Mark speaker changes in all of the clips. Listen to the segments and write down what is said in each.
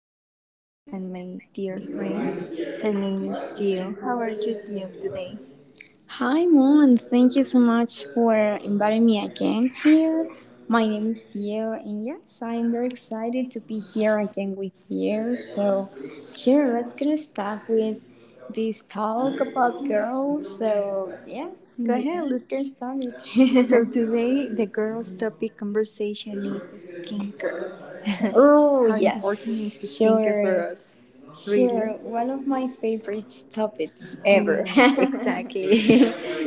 Speaker 1: To my colleague and my dear friend. Her name is Gio. How are you, Gio, today?
Speaker 2: Hi, Moon. Thank you so much for inviting me again here. My name is Sio, and yes, I'm very excited to be here again with you. So, sure, let's gonna start with this talk about girls. So, yes, go ahead,
Speaker 1: Yeah.
Speaker 2: let's get started.
Speaker 1: So today the girls' topic conversation is skincare.
Speaker 2: Oh,
Speaker 1: How important is
Speaker 2: yes,
Speaker 1: skincare for
Speaker 2: sure,
Speaker 1: us? Really?
Speaker 2: sure. One
Speaker 1: One
Speaker 2: of
Speaker 1: of
Speaker 2: my
Speaker 1: my
Speaker 2: favorite
Speaker 1: favorite topics
Speaker 2: topics ever.
Speaker 1: ever. Yeah, exactly.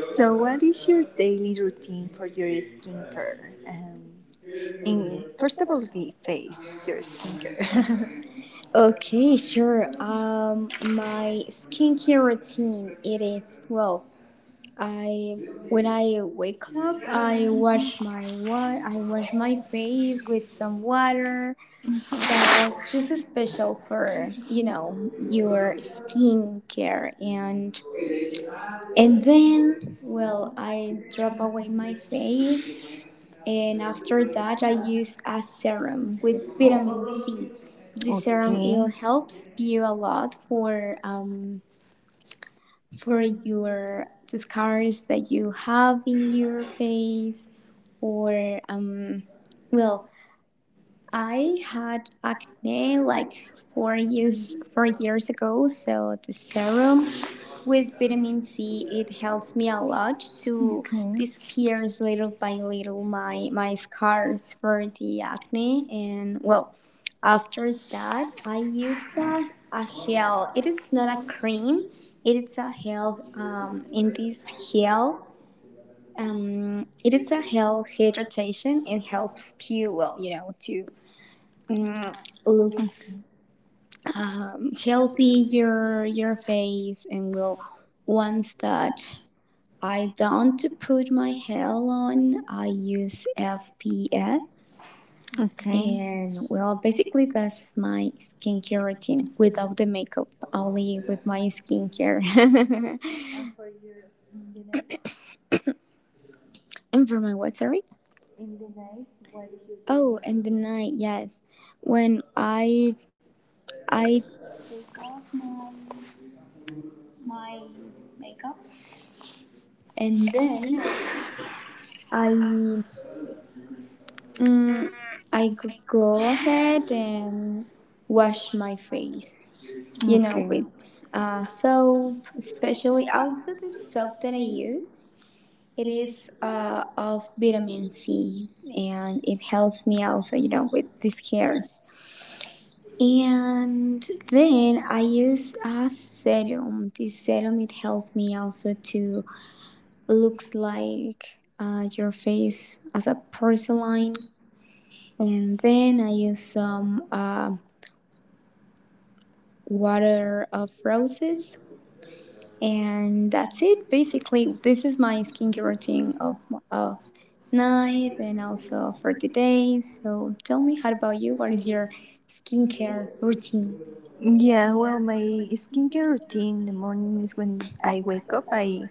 Speaker 1: So, what is your daily routine for your skincare? In, first of all, the face, your skincare. Okay.
Speaker 2: Okay, sure.
Speaker 1: Skincare routine.
Speaker 2: My skincare routine it is well.
Speaker 1: Well, I,
Speaker 2: I When
Speaker 1: when I
Speaker 2: I wake
Speaker 1: wake
Speaker 2: up,
Speaker 1: up, I wash my hair,
Speaker 2: I wash
Speaker 1: I wash my
Speaker 2: my face
Speaker 1: face,
Speaker 2: with some water.
Speaker 1: this
Speaker 2: So just a
Speaker 1: is crucial
Speaker 2: special
Speaker 1: for,
Speaker 2: for
Speaker 1: you know,
Speaker 2: your
Speaker 1: leaders.
Speaker 2: skincare, and
Speaker 1: And then,
Speaker 2: then, well,
Speaker 1: well, I
Speaker 2: I
Speaker 1: rub
Speaker 2: drop
Speaker 1: away
Speaker 2: away my
Speaker 1: my
Speaker 2: face,
Speaker 1: face,
Speaker 2: and
Speaker 1: and
Speaker 2: after
Speaker 1: after
Speaker 2: that
Speaker 1: that,
Speaker 2: I
Speaker 1: I
Speaker 2: use
Speaker 1: use
Speaker 2: a
Speaker 1: a serum
Speaker 2: serum with
Speaker 1: with
Speaker 2: vitamin
Speaker 1: vitamin C.
Speaker 2: C. The
Speaker 1: Okay. Serum.
Speaker 2: serum it
Speaker 1: Okay,
Speaker 2: helps
Speaker 1: helps you
Speaker 2: you
Speaker 1: a
Speaker 2: a
Speaker 1: lot
Speaker 2: lot for um
Speaker 1: for
Speaker 2: for
Speaker 1: your
Speaker 2: your the
Speaker 1: skin.
Speaker 2: scars that you have in your face,
Speaker 1: Or
Speaker 2: or, well,
Speaker 1: well, I
Speaker 2: I had acne
Speaker 1: I like
Speaker 2: like four
Speaker 1: for
Speaker 2: years four
Speaker 1: serum
Speaker 2: years ago, so the serum
Speaker 1: with
Speaker 2: with
Speaker 1: vitamin
Speaker 2: vitamin
Speaker 1: C.
Speaker 2: C, it
Speaker 1: It helps
Speaker 2: helps
Speaker 1: a
Speaker 2: me a
Speaker 1: lot.
Speaker 2: lot to
Speaker 1: Okay.
Speaker 2: disappears little by little
Speaker 1: My
Speaker 2: my
Speaker 1: heart
Speaker 2: scars for the acne.
Speaker 1: needs
Speaker 2: And well, after that,
Speaker 1: that.
Speaker 2: I
Speaker 1: I miss
Speaker 2: use a,
Speaker 1: that.
Speaker 2: a
Speaker 1: Feel
Speaker 2: gel. It
Speaker 1: it is
Speaker 2: is not a
Speaker 1: not a
Speaker 2: cream.
Speaker 1: cream.
Speaker 2: It
Speaker 1: It is
Speaker 2: is a gel.
Speaker 1: um,
Speaker 2: In this gel,
Speaker 1: feel
Speaker 2: it is a gel hydration. It helps you, well, to
Speaker 1: and
Speaker 2: mm,
Speaker 1: looks. Okay,
Speaker 2: looks healthy your face, and will once
Speaker 1: at
Speaker 2: that
Speaker 1: my
Speaker 2: I don't put my hair on,
Speaker 1: own.
Speaker 2: I use FPS.
Speaker 1: Okay.
Speaker 2: And well, basically, that's my skincare routine without the makeup, only with my skincare. And for my what, sorry? Oh, and the night, yes. When and then I mm, I g- go ahead and wash my face. You know,
Speaker 1: Okay,
Speaker 2: with uh, soap, especially also the soap that I use. It is of vitamin C, and it helps me also, with the scars. And then I use a serum. This serum it helps me also to looks like, your face as a porcelain. And then I use some water of roses, and that's it. Basically, this is my skincare routine of night and also for the day. So tell me, how about you? What is your skincare routine?
Speaker 1: yeah, well, my skincare routine in the morning is when I wake up, I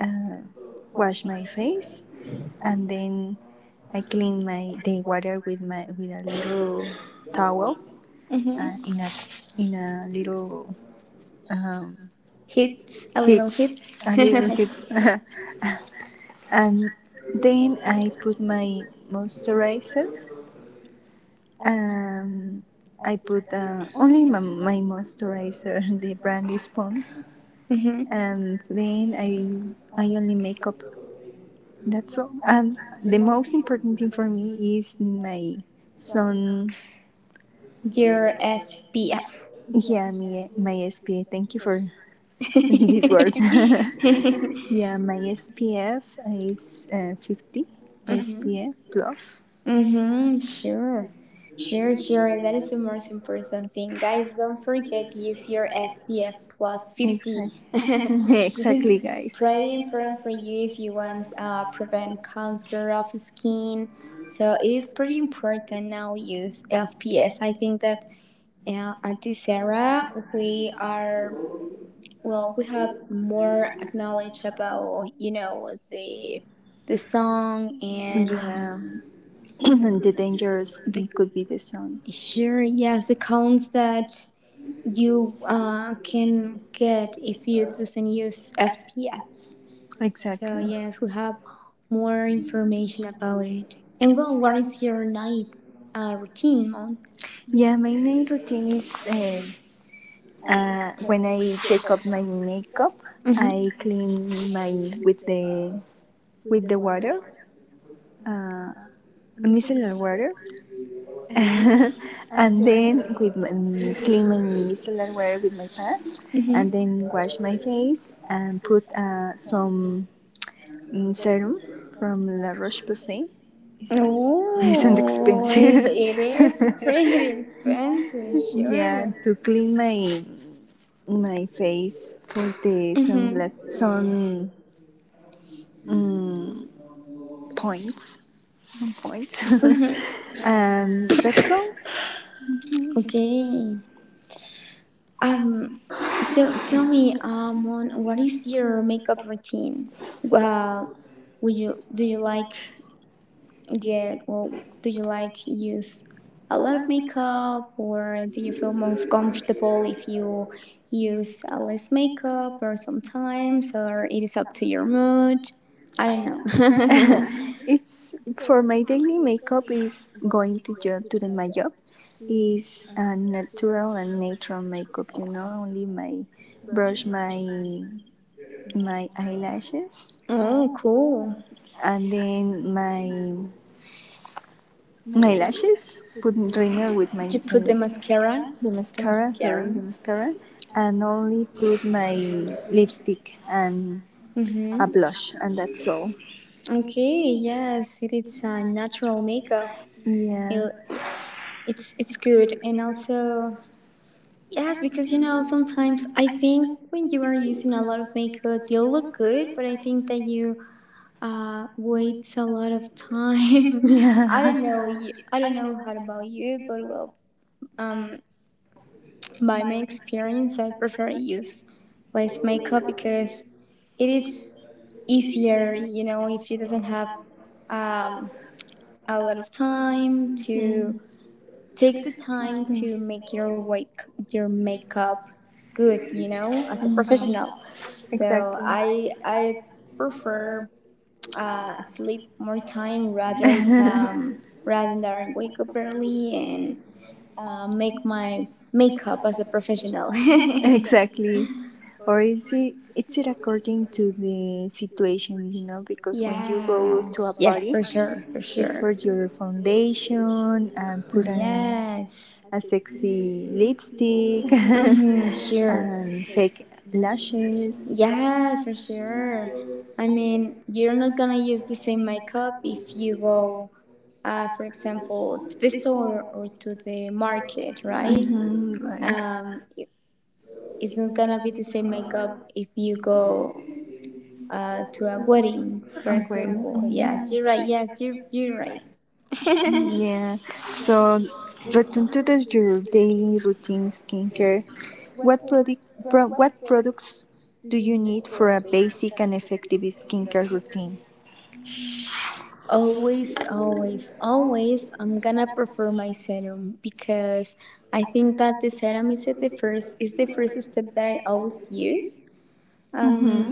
Speaker 1: uh, wash my face, and then I clean my the water with my with a little towel uh,
Speaker 2: hmm
Speaker 1: in a in a little um, heat,
Speaker 2: Hits, a little hits.
Speaker 1: a little heat, and then I put my moisturizer. Um, I put only my, my moisturizer, the brand is Pond's,
Speaker 2: hmm
Speaker 1: and then I only makeup. That's all. And the most important thing for me is my sun.
Speaker 2: Your SPF.
Speaker 1: Yeah, my SPF. Thank you for this word. Yeah, my SPF is 50
Speaker 2: Mhm.
Speaker 1: SPF plus.
Speaker 2: Mm-hmm, sure. Sure,
Speaker 1: Sure.
Speaker 2: sure. That is the most important thing. Guys,
Speaker 1: Guys.
Speaker 2: don't forget to use your SPF plus 50.
Speaker 1: Exactly.
Speaker 2: This is
Speaker 1: Exactly, guys.
Speaker 2: pretty
Speaker 1: Ready
Speaker 2: important for
Speaker 1: for
Speaker 2: you if you want prevent cancer of skin. So it is pretty important now use FPS. I think that, at this era, we are well, we have more knowledge about, the the song.
Speaker 1: the.
Speaker 2: And
Speaker 1: Yeah, and the dangerous it could be the sun.
Speaker 2: sure, yes, the counts that you can get if you doesn't use FPS. So
Speaker 1: Exactly.
Speaker 2: yes, we have more information about it. And well, what is your night routine on?
Speaker 1: Yeah, my night routine is when I take up my makeup,
Speaker 2: Mm-hmm.
Speaker 1: I clean my with the water, micellar water, and then with my, clean my micellar water with my pads,
Speaker 2: Mm-hmm.
Speaker 1: and then wash my face and put some serum from La Roche-Posay is isn't
Speaker 2: Oh,
Speaker 1: expensive.
Speaker 2: it it is pretty expensive,
Speaker 1: Yeah,
Speaker 2: sure.
Speaker 1: to clean my my face for the
Speaker 2: Mm-hmm.
Speaker 1: sunglasses. Sun mm, points, sun points,
Speaker 2: Mm-hmm.
Speaker 1: and that's all.
Speaker 2: Okay. Um, so tell me, on what is your makeup routine? Well, would you do you like get well, do you like use a lot of makeup, or do you feel more comfortable if you use less makeup, or sometimes, or it is up to your mood? I don't know.
Speaker 1: It's for my daily makeup is going to job to the my job is a natural and natural makeup. You know, only my brush my my eyelashes,
Speaker 2: Oh, cool!
Speaker 1: and then my lashes. Put rímel with my
Speaker 2: Did you put the mascara?
Speaker 1: the
Speaker 2: The
Speaker 1: mascara. Sorry,
Speaker 2: mascara.
Speaker 1: the mascara, and only put my lipstick and
Speaker 2: Mm-hmm.
Speaker 1: a blush, and that's all.
Speaker 2: Okay, yes, it is a natural makeup.
Speaker 1: Yeah,
Speaker 2: Yes, it's good, and also yes, because, sometimes I think when you are using a lot of makeup, you'll look good, but I think that you wait a lot of time. I
Speaker 1: yeah.
Speaker 2: don't know.
Speaker 1: Yeah,
Speaker 2: I don't know how about you, but well, um, by my experience, I prefer use less makeup because it is easier, if you doesn't have um a lot of time to
Speaker 1: mm,
Speaker 2: take the time to make your wake your makeup good, as a professional. So
Speaker 1: exactly.
Speaker 2: I
Speaker 1: So
Speaker 2: I prefer, sleep more time rather than, wake up early and make my makeup as a professional.
Speaker 1: exactly. Or is it it's it according to the situation, you know, because when you go to a
Speaker 2: Yes,
Speaker 1: yes,
Speaker 2: yes,
Speaker 1: party,
Speaker 2: for sure, for
Speaker 1: it's
Speaker 2: sure.
Speaker 1: for your foundation and put on
Speaker 2: Yes.
Speaker 1: a sexy lipstick. For
Speaker 2: Mm-hmm,
Speaker 1: sure.
Speaker 2: sure.
Speaker 1: And fake lashes.
Speaker 2: Yes, for sure. I mean, you're not gonna use the same makeup if you go, for example, to the store or to the market, right?
Speaker 1: Mm-hmm, right.
Speaker 2: Um, it- it's not gonna be the same makeup if you go, to a wedding, for
Speaker 1: I will.
Speaker 2: example. Yes, you're right.
Speaker 1: Hmm,
Speaker 2: Yes, you're right.
Speaker 1: yes. Yeah. So, return to the, your daily routine skincare. What product? Pro, what products do you need for a basic and effective skincare routine?
Speaker 2: Always, always, always, I'm gonna prefer my serum because I think that the serum is the first step that I always use. Um,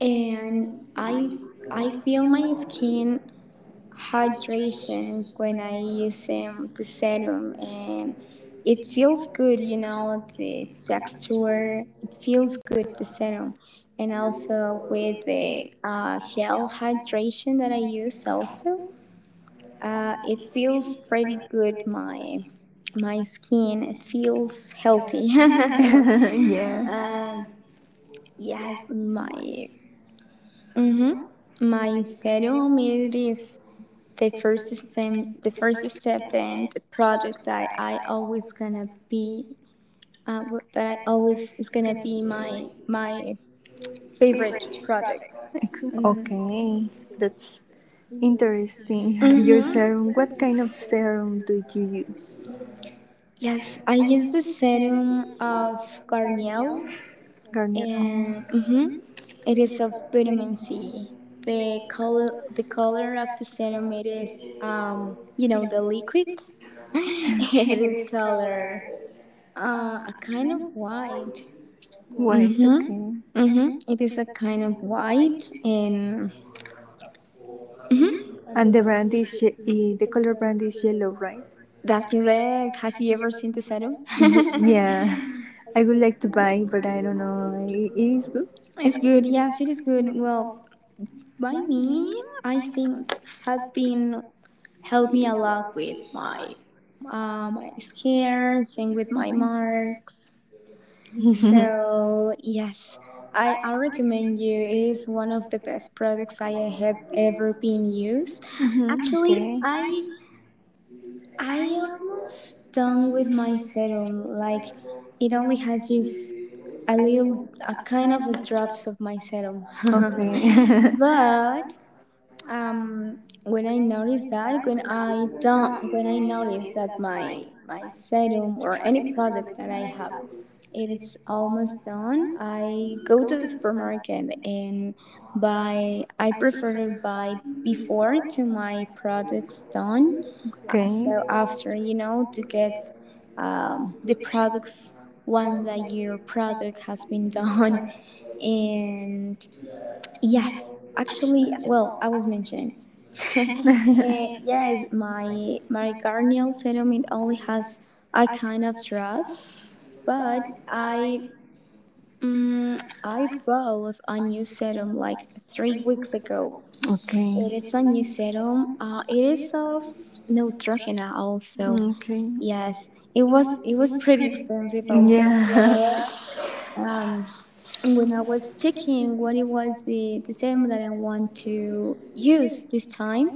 Speaker 2: and I I feel my skin hydration when I use, the serum, and it feels good. You know the texture, it feels good the serum, and also with the gel hydration that I use also, it feels pretty good. My skin it feels healthy.
Speaker 1: Yeah.
Speaker 2: um, yes, my mhm. my serum it is the first step. The first step and the project that I always gonna be. That I always is gonna be my favorite project.
Speaker 1: Ex-
Speaker 2: hmm
Speaker 1: okay, that's interesting. Your
Speaker 2: hmm
Speaker 1: serum. What kind of serum do you use?
Speaker 2: Yes, I use the serum of Garnier.
Speaker 1: Garnier.
Speaker 2: and
Speaker 1: Oh,
Speaker 2: mhm, It is of vitamin C. The color of the serum is, the liquid. It is color, a kind of white.
Speaker 1: white. Mhm.
Speaker 2: Mhm,
Speaker 1: Okay.
Speaker 2: mhm. it is a kind of white, and, mhm,
Speaker 1: And the brand is ye- eh, the color brand is yellow, right?
Speaker 2: that's correct. Have you ever seen the serum?
Speaker 1: Y- yeah. I would like to buy, but I don't know. It is good.
Speaker 2: Yeah. It's good. Yes, it is good. Well, by me, I think have been helped me a lot with my scars and with my marks. Mm-hmm. So yes, I recommend you. It is one of the best products I have ever been used. Actually,
Speaker 1: Hmm.
Speaker 2: I almost done with my serum. Like it only has just a little, a kind of a drops of my serum.
Speaker 1: Okay.
Speaker 2: But, when I notice that, when I don't, when I notice that my serum or any product that I have, it is almost done. I go to the supermarket and buy. I prefer to buy before to my products done.
Speaker 1: Okay.
Speaker 2: So after, to get, the products once that your product has been done. And yes, actually, well, I was mentioning.
Speaker 1: okay.
Speaker 2: Yes, my maricardial sediment only has a kind of drops, but I bought a new serum like 3 weeks ago.
Speaker 1: okay.
Speaker 2: It is a new serum. It is of Neutrogena also.
Speaker 1: Okay.
Speaker 2: Yes, it was pretty expensive also,
Speaker 1: Yeah.
Speaker 2: but, um, when I was checking what it was the serum that I want to use this time,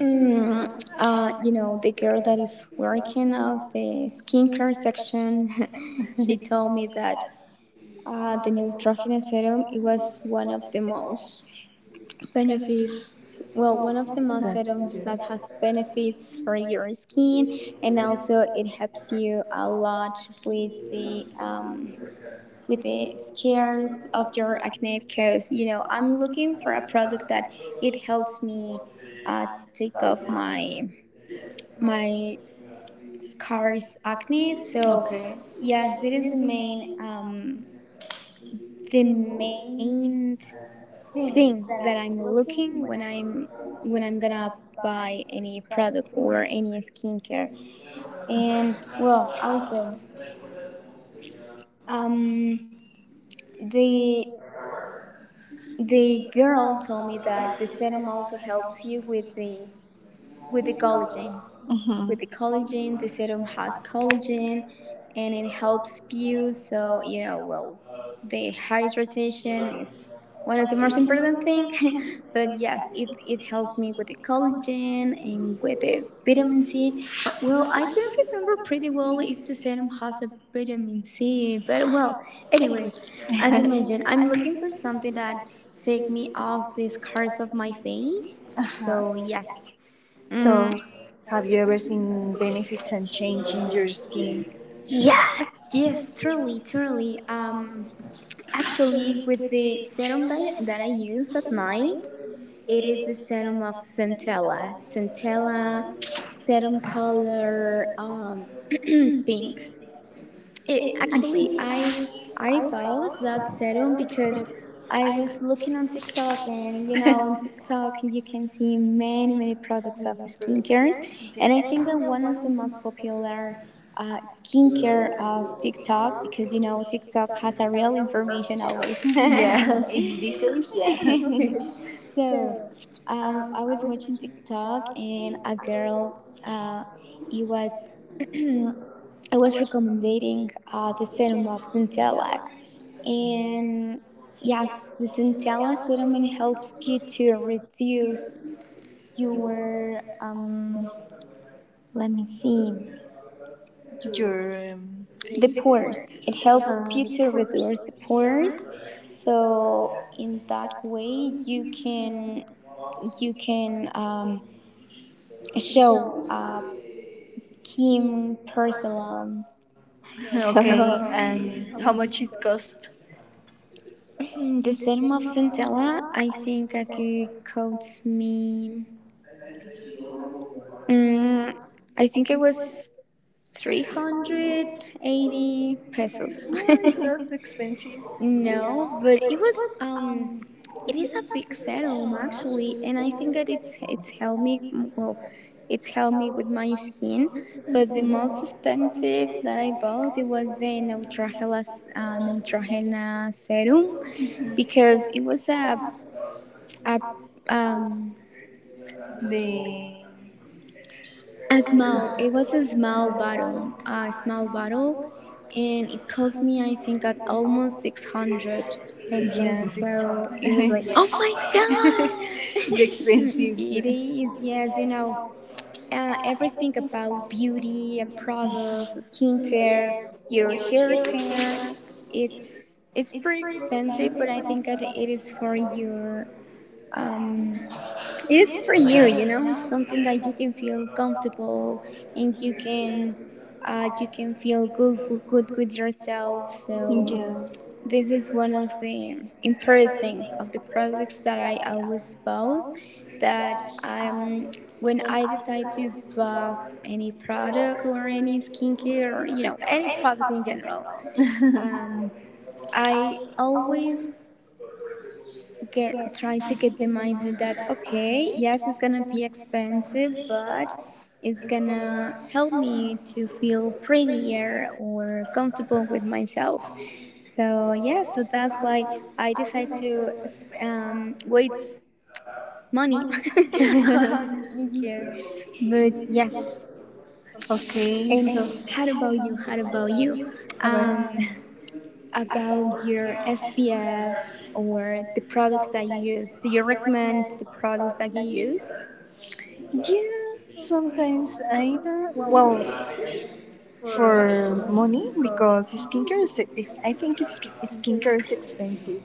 Speaker 2: mm, the girl that is working of the skincare section, she told me that, the Neutrogena serum it was one of the most benefits. Well, one of the most serums that has benefits for your skin, and also it helps you a lot with the scars of your acne, because, I'm looking for a product that it helps me, take off my scars acne. So yes, that is the main, the main thing that I'm looking when I'm gonna buy any product or any skincare. And well, also, um, the The girl told me that the sedum also helps you with the, with the collagen
Speaker 1: Mm-hmm.
Speaker 2: collagen. The serum has collagen and it helps you. So, well, the hydration is one of the most important things. But yes, it helps me with the collagen and with the vitamin C.
Speaker 1: Do.
Speaker 2: Or, well, I don't remember pretty well if the serum has a vitamin C, but well, anyways, as you mentioned, I'm looking for something that take me off these scars of my face. So yes. Mm,
Speaker 1: So, have you ever seen benefits and change in your skin?
Speaker 2: Yes, yes, truly, truly. Actually, with the serum that I use at night, it is the serum of Centella. Centella serum color, pink. It Actually, I bought that serum because I was looking on TikTok, and, on TikTok you can see many many products of
Speaker 1: Many.
Speaker 2: skincares,
Speaker 1: Okay.
Speaker 2: and I think that one of the most popular, skincare of TikTok, because, TikTok has a real information always.
Speaker 1: in this age, yeah.
Speaker 2: So, I was watching TikTok, and a girl, uh, it was I was recommending, the serum of Centella. And yes, the Centella serum helps you to reduce your, let me see,
Speaker 1: your
Speaker 2: the
Speaker 1: face.
Speaker 2: pores. It helps you to reduce the pores. So in that way, you can, you can um, show, skin porcelain.
Speaker 1: To
Speaker 2: So,
Speaker 1: and how much it cost?
Speaker 2: the serum of Centella, I think I could cost me. Mm, I think it was
Speaker 1: It's
Speaker 2: 380 pesos.
Speaker 1: expensive.
Speaker 2: No, but it was. It is a big serum actually, and I think that it's helped me. Well, it's helped me with my skin. But the most expensive that I bought it was the Neutrogena, Neutrogena serum,
Speaker 1: Mhm.
Speaker 2: because it was a, a um
Speaker 1: The
Speaker 2: A small. It was a small bottle, and it cost me, I think, at almost 600 pesos.
Speaker 1: yeah, six
Speaker 2: So
Speaker 1: hundred.
Speaker 2: it was like, oh
Speaker 1: Yeah,
Speaker 2: my god,
Speaker 1: it's expensive. So.
Speaker 2: it
Speaker 1: Yeah.
Speaker 2: is. Yes, you
Speaker 1: you you
Speaker 2: know,
Speaker 1: know,
Speaker 2: everything about beauty and products, skincare, your hair care. It's pretty expensive, but I think that it is for your um it is for you, you know. It's something that you can feel comfortable and you
Speaker 1: you
Speaker 2: can
Speaker 1: can
Speaker 2: feel
Speaker 1: feel
Speaker 2: good,
Speaker 1: good
Speaker 2: good
Speaker 1: good
Speaker 2: with
Speaker 1: with
Speaker 2: yourself.
Speaker 1: yourself.
Speaker 2: So
Speaker 1: Yeah.
Speaker 2: this is one of the important things of the products that I always bought. That When I decide to buy any product or any skincare or you know any product in general, um, I always get trying to get the mindset that okay, yes, it's gonna be expensive, but it's gonna help me to feel prettier or comfortable with myself. So yeah, so that's why I decided to waste money
Speaker 1: Money.
Speaker 2: on skincare. But
Speaker 1: But
Speaker 2: yes,
Speaker 1: yes. Okay. So
Speaker 2: and
Speaker 1: and
Speaker 2: how
Speaker 1: how
Speaker 2: about
Speaker 1: about
Speaker 2: you?
Speaker 1: you?
Speaker 2: How about
Speaker 1: How about
Speaker 2: you?
Speaker 1: you? How about about?
Speaker 2: Um, about your SPF or the products that you use. Do you recommend the products that you use?
Speaker 1: Yeah, sometimes I don't. Well, for money, because skincare is, I think is skincare is expensive.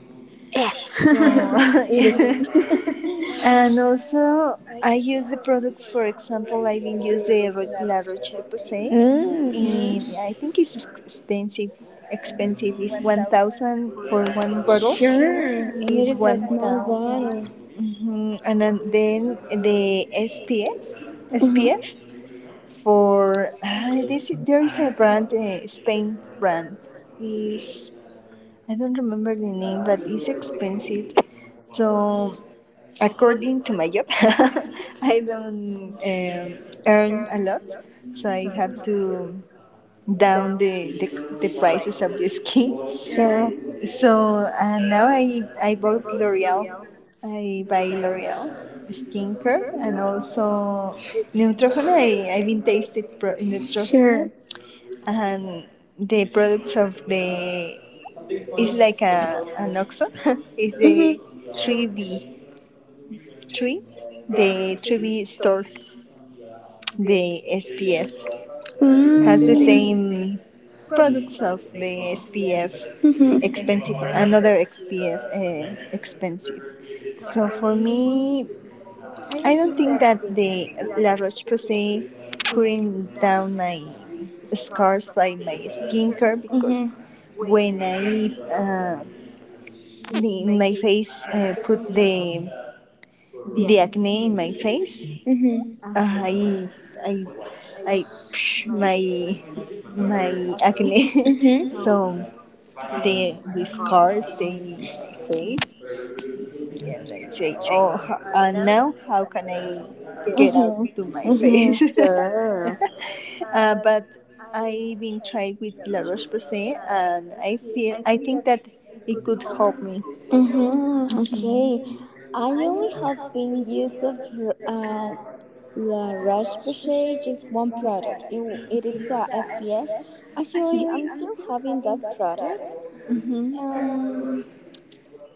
Speaker 2: Yes.
Speaker 1: So,
Speaker 2: It is.
Speaker 1: and also, I use the products, for example, I've been using the Ro- La Roche Posay,
Speaker 2: Hmm.
Speaker 1: and I think it's ex- expensive. Expensive is 1,000 for one bottle,
Speaker 2: Sure. And it
Speaker 1: is
Speaker 2: is a small bottle.
Speaker 1: 1,000. Mhm. And then the SPFs,
Speaker 2: Hmm.
Speaker 1: SPF for this there is a brand Spain brand is I don't remember the name but it's expensive so according to my job I don't earn a lot so I have to down the prices of the skin
Speaker 2: Sure.
Speaker 1: so now I bought L'Oreal. I buy L'Oreal skincare and also Neutrogena. I've been tasted pro- Neutrogena
Speaker 2: Sure.
Speaker 1: and the products of the is like a an OXXO is the
Speaker 2: Mhm.
Speaker 1: 3B three the 3B store the SPF has the
Speaker 2: Mm.
Speaker 1: same products of the SPF
Speaker 2: Mhm.
Speaker 1: expensive another SPF expensive so for me I don't think that the La Roche Posay cooling down my scars by my skincare because
Speaker 2: Mhm.
Speaker 1: when I uh, in my face put the acne in my face,
Speaker 2: Mhm.
Speaker 1: uh, I I I psh, my acne. Mm-hmm.
Speaker 2: Mhm.
Speaker 1: So the scars stay in my face, and I say, oh, now how can I get out
Speaker 2: Mhm.
Speaker 1: to my face?
Speaker 2: Sure.
Speaker 1: But I've been tried with La Roche Posay, and I feel I think that it could help me.
Speaker 2: Mhm. Okay. I only have been used of uh, yeah, Rush Passage is one product. It is a FPS. Actually, I'm still having that product.
Speaker 1: Mm-hmm.
Speaker 2: Um,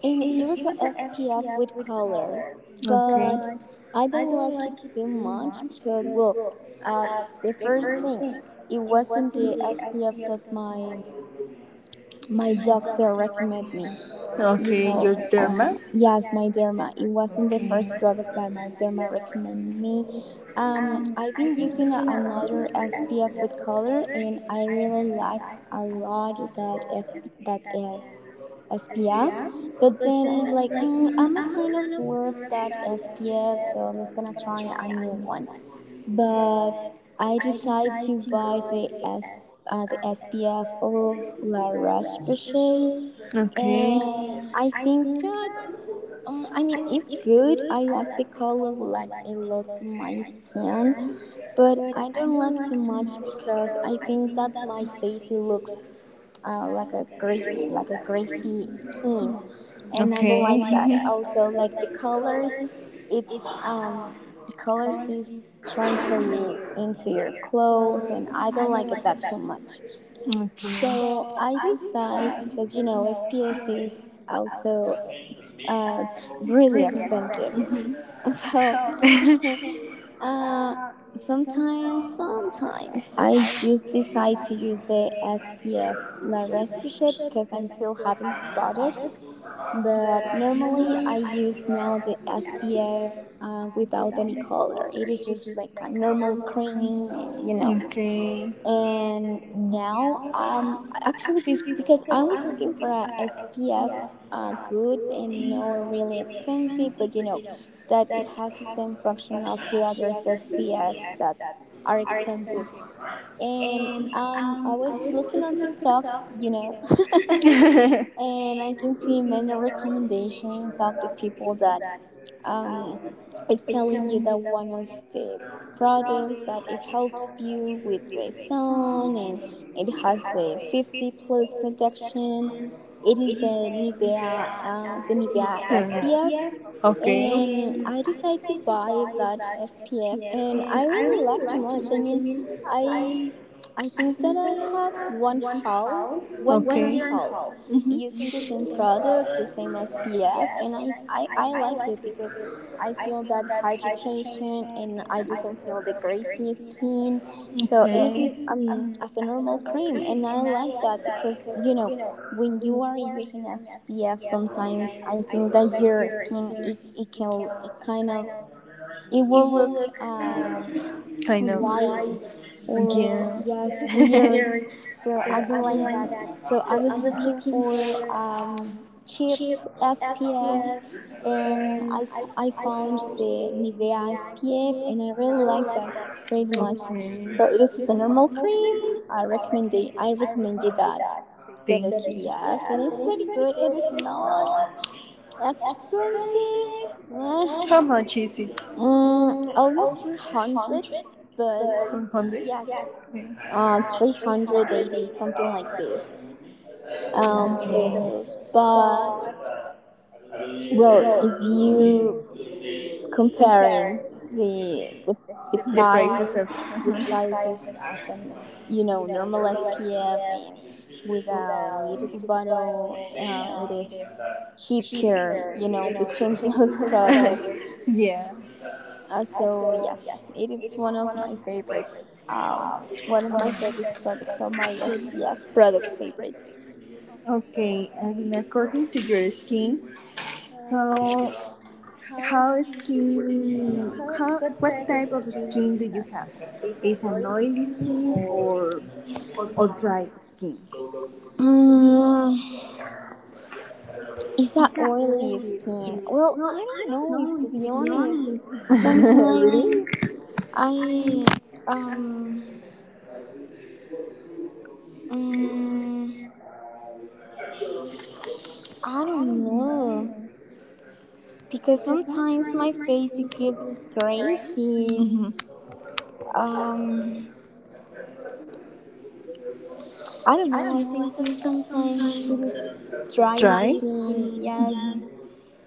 Speaker 2: and it was a SPF with color, but I don't like it too much because, well, uh, the first thing, it wasn't the SPF that my doctor recommended me. You
Speaker 1: Okay, your
Speaker 2: know,
Speaker 1: derma?
Speaker 2: yes, my derma. It
Speaker 1: Was
Speaker 2: wasn't the first
Speaker 1: okay.
Speaker 2: product that my derma recommended me. I've been using another SPF with color, and I really liked a lot that F that is SPF. But then I was like, mm, I'm a kind of bored of that SPF, so let's gonna try a new one. But I decided to buy the SPF of La Roche Posay,
Speaker 1: Okay.
Speaker 2: and I think that I mean it's good. I like the color like a lot to my skin, but I don't like too much because I think that my face it looks like a greasy skin, and I don't like that. Also, like the colors, it's the colors is transfer you into your clothes, and I don't like it that too much. So
Speaker 1: Okay.
Speaker 2: I decide because you know SPS is also uh, really expensive. So uh, sometimes, sometimes I just decide to use the SPF La Respisha because I'm still having the product. But normally I use now the SPF without any color. It is just like a normal cream, and you know
Speaker 1: okay.
Speaker 2: and now actually because I was looking for a SPF good and not really expensive, but you know that it has the same function of the other SPFs that are expensive. And I was looking on TikTok, you know, and I can see many recommendations of the people that um, it's telling you that one of the products that it helps you with the sun and it has the 50 plus protection, it is a Nivea, the Nivea SPF. And
Speaker 1: okay.
Speaker 2: I decided to buy that SPF, and I really like too much. I mean, i I think that I have 1 year and half using the same product, the same SPF, and I like it because I feel that hydration and
Speaker 1: Do
Speaker 2: I doesn't feel the
Speaker 1: not
Speaker 2: greasy skin. So it is as a normal cream, and I like that because you know when you are using SPF, sometimes I think that your skin it can it kind of it will look
Speaker 1: kind of.
Speaker 2: white or yes weird. So I don't like that. So I was looking for cheap SPF, and I found the Nivea SPF, and I really like that pretty much. So it is as a normal cream. I recommend you that that
Speaker 1: Thank
Speaker 2: SPF, and it's pretty good. It is not expensive. Eh,
Speaker 1: much is it?
Speaker 2: mm, almost 400, but
Speaker 1: 100? Yeah.
Speaker 2: yes, 380 something like this, pesos. But well, if you comparing the the, the
Speaker 1: The
Speaker 2: price, the price of as an you know normal SPF and
Speaker 1: SPM.
Speaker 2: with a little bottle, it is cheaper, you know, between those products.
Speaker 1: Yeah,
Speaker 2: So yes, it is one of my favorites, one of my favorite products. So my SPF product favorite.
Speaker 1: okay, and according to your skin how How skin? How what type of skin do you have? Is an oily skin or dry skin?
Speaker 2: Mm, is that oily skin? Well, I don't know if to be honest. Sometimes
Speaker 1: Really?
Speaker 2: I um mm, I don't know, because sometimes my face it gets crazy.
Speaker 1: Hmm.
Speaker 2: Um, I don't know. I think that sometimes it is dry skin. Yes,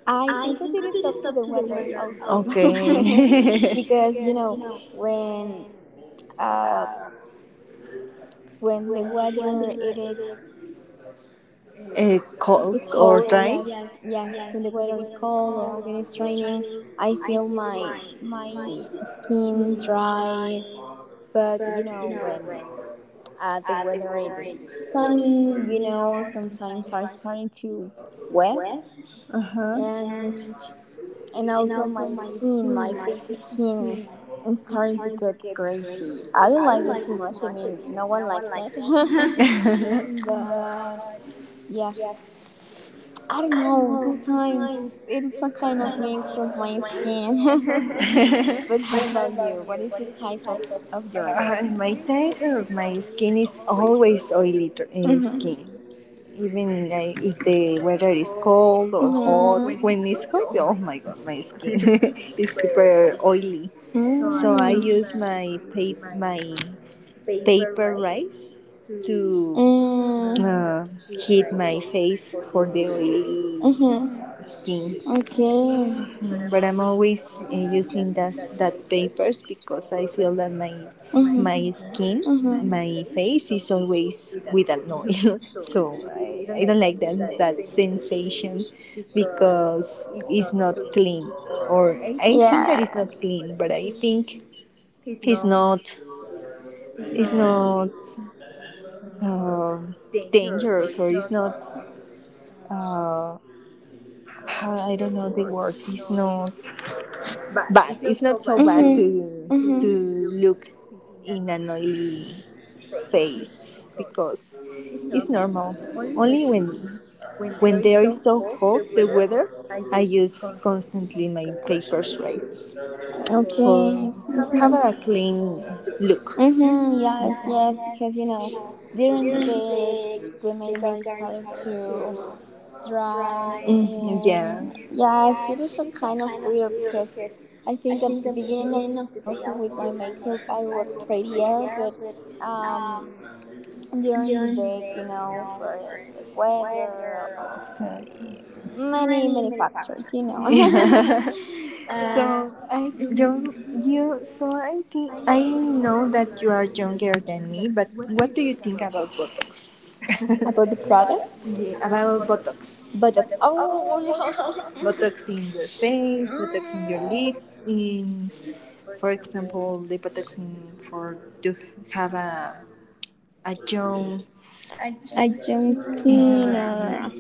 Speaker 2: I think that it is up to the weather also, because you know when. Uh, when the weather it is
Speaker 1: Cold.
Speaker 2: it's
Speaker 1: It's or
Speaker 2: cold,
Speaker 1: dry? Cold.
Speaker 2: yes, yes, when the weather is cold or when it's raining, I feel my skin dry. But you know when the weather it is sunny, you know, sometimes I'm starting to wet.
Speaker 1: Uh-huh.
Speaker 2: and and also my skin, my face skin is starting to get greasy. I don't like that too much. I mean, no one likes that. But yes, I don't know. Sometimes it is a kind of mix of my skin. But how about you?
Speaker 1: But
Speaker 2: What is your type of yours? My type of
Speaker 1: My
Speaker 2: my
Speaker 1: type of my
Speaker 2: skin is
Speaker 1: skin is
Speaker 2: always
Speaker 1: always
Speaker 2: oily.
Speaker 1: oily dr-
Speaker 2: Mhm.
Speaker 1: skin. Even if the weather is
Speaker 2: Mhm.
Speaker 1: cold
Speaker 2: Mm.
Speaker 1: or hot, when it's hot,
Speaker 2: Mm.
Speaker 1: oh my god, my skin is super oily. So I use my pa-
Speaker 2: My
Speaker 1: my paper rice to uh, hit my face for the oily
Speaker 2: Mm-hmm.
Speaker 1: mm-hmm. skin.
Speaker 2: Okay.
Speaker 1: But I'm always using that that papers because I feel that my skin, my face is always with an oil. So I don't like that that sensation because it's not clean or I think that it's not clean, but I think it's not it's not dangerous or it's not I don't know the word. It's not
Speaker 2: but I
Speaker 1: bad. It's not so bad
Speaker 2: to
Speaker 1: to look in an oily face because it's normal. Only when there is so hot the weather, I use constantly my paper traces for
Speaker 2: Okay.
Speaker 1: have a clean look.
Speaker 2: Mm-hmm, yes, yes, because you know, during the day the makeup started to dry,
Speaker 1: Mhm, yeah,
Speaker 2: and yes, it is a kind of weird because I think at the beginning of the day, also with my makeup, I look prettier, but um, during the day, you know, for the weather or
Speaker 1: exactly.
Speaker 2: the many, many factors, you know,
Speaker 1: Yeah.
Speaker 2: uh,
Speaker 1: So I
Speaker 2: mhm.
Speaker 1: you you so I think I know that you are younger than me, but what do you think about Botox?
Speaker 2: About the products,
Speaker 1: Yeah, about Botox.
Speaker 2: buttocks. Oh, yeah.
Speaker 1: Botox in your face, Botox in your
Speaker 2: Mm,
Speaker 1: lips, in for example the lipotoxin for to have a young.
Speaker 2: a John or hmm.
Speaker 1: Mhm.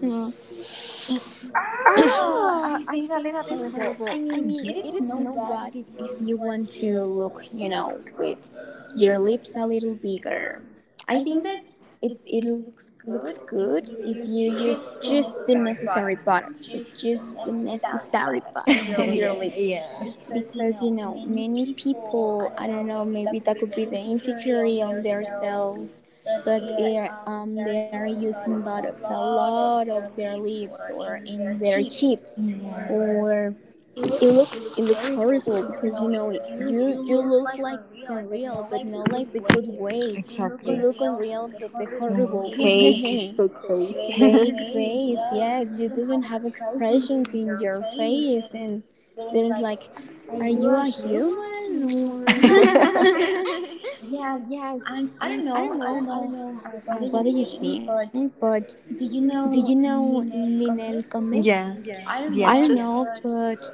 Speaker 2: Ah, I think that is horrible. I mean, it is no bad if you want to look, you know, with your lips a little bigger. I think that it looks good if you use just the necessary products, but just the necessary products on your lips.
Speaker 1: Yeah.
Speaker 2: Because, you know, many people, I don't know, maybe that could be the insecurity on themselves, but they are using buttocks a lot of their lips or in their cheeks or it looks horrible because you know you you look like unreal, but not like the good way. You look unreal, but the horrible way.
Speaker 1: Fake.
Speaker 2: Fake face, yes. You doesn't have expressions in your face, and there's like, are you a human or? Yes, and I don't know. I don't know. What do you think? But do you know Linel Conde?
Speaker 1: yeah,
Speaker 2: I don't know, but.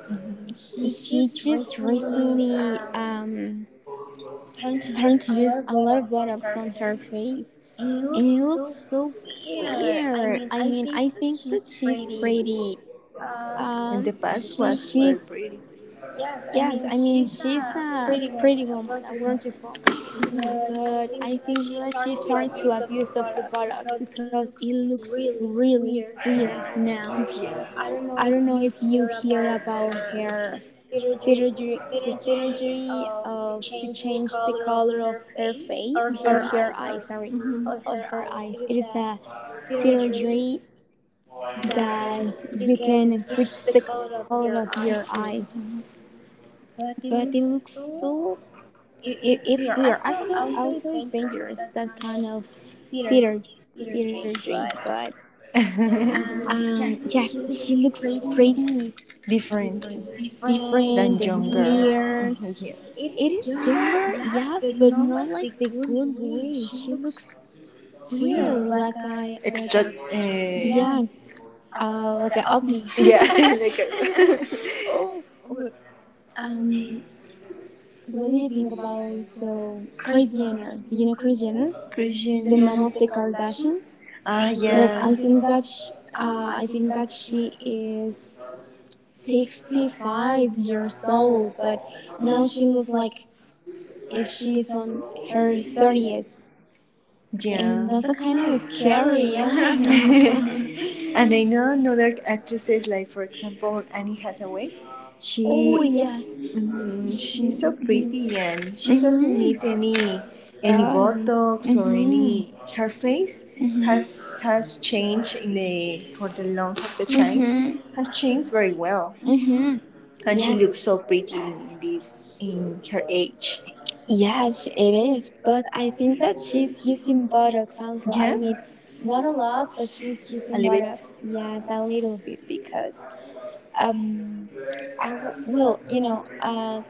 Speaker 2: She just recently starting to use a lot of Botox on her face, and it looks so weird. I mean, I think that she's pretty.
Speaker 1: in
Speaker 2: Um,
Speaker 1: the pretty.
Speaker 2: she's Yes. I mean, she's a pretty woman, a gorgeous woman. But I think that she started to abuse of the Botox because it looks really weird now. I
Speaker 1: Yeah.
Speaker 2: don't know if you hear about her surgery, the surgery of to change the color of her face or her eyes. Sorry,
Speaker 1: Mm-hmm.
Speaker 2: or her eyes. It is a surgery that you can switch the color of your eyes, but it looks so. It's weird. Also, also it's dangerous that kind of surgery. Surgery, but
Speaker 1: Okay.
Speaker 2: yes, she looks pretty
Speaker 1: Different
Speaker 2: different and
Speaker 1: weird,
Speaker 2: weird.
Speaker 1: mhm, yeah.
Speaker 2: It is younger, yes, but not like the good way. She looks
Speaker 1: Weird.
Speaker 2: weird, like a
Speaker 1: Yeah,
Speaker 2: yeah, like a ovni. Yeah. Oh,
Speaker 1: oh,
Speaker 2: or um, what do you think about also Kris Jenner? Do you know Kris
Speaker 1: the
Speaker 2: Jenner?
Speaker 1: mom Christian.
Speaker 2: The mom of the Kardashians.
Speaker 1: Ah, well, I
Speaker 2: That I think
Speaker 1: yeah.
Speaker 2: that sh I think that she is 65 years old, but now she looks like if she's on her 30s.
Speaker 1: And
Speaker 2: And
Speaker 1: yeah.
Speaker 2: that's a kind
Speaker 1: And
Speaker 2: of scary. I
Speaker 1: know.
Speaker 2: don't know.
Speaker 1: And I know another actresses, like for example Anne Hathaway.
Speaker 2: She,
Speaker 1: She,
Speaker 2: oh, yes.
Speaker 1: oh mm,
Speaker 2: She,
Speaker 1: she's so
Speaker 2: mhm.
Speaker 1: pretty and she doesn't need
Speaker 2: Mhm.
Speaker 1: any
Speaker 2: Balance.
Speaker 1: Botox or
Speaker 2: Mhm.
Speaker 1: any. Her face
Speaker 2: Mhm.
Speaker 1: has has changed in the for the long of the time
Speaker 2: Mhm.
Speaker 1: has changed very well,
Speaker 2: Mhm.
Speaker 1: and she
Speaker 2: Yes.
Speaker 1: looks
Speaker 2: It's
Speaker 1: so
Speaker 2: so pretty.
Speaker 1: pretty in this in
Speaker 2: Mm-hmm.
Speaker 1: her age.
Speaker 2: Yes,
Speaker 1: Yes,
Speaker 2: it is. But I think that she's using Botox also. I mean, not a lot, but she's using Botox. Yes, a little bit because um, well, you know,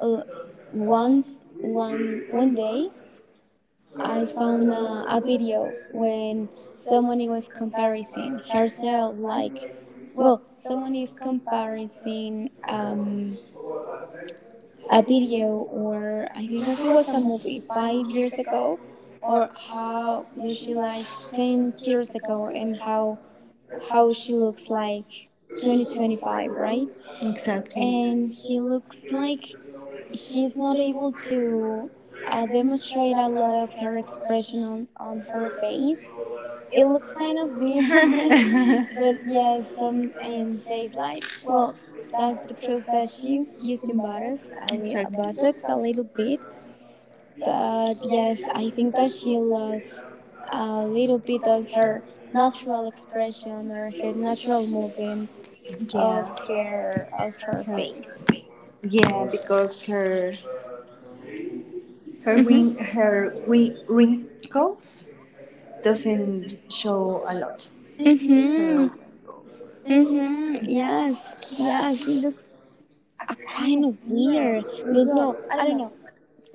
Speaker 2: l- once one day I found a video when someone was comparing herself like, well, someone is comparing a video or I think like it was a movie 5 years ago or how where she likes 10 years ago and how she looks like 2025, right.
Speaker 1: because exactly.
Speaker 2: And she looks like she's not able to demonstrate a lot of her expression on her face. It looks kind of weird. But yeah, some and says like well, that's the process. She's using botox a little bit. But yes, I think that she lost a little bit of her natural expression or her natural movements of her face.
Speaker 1: Yeah, because her her wing
Speaker 2: Mhm.
Speaker 1: her wi- wrinkles doesn't show a lot. Her.
Speaker 2: Mm-hmm. Mm-hmm. Yes. Yes. It looks a kind of weird. But well, I don't know.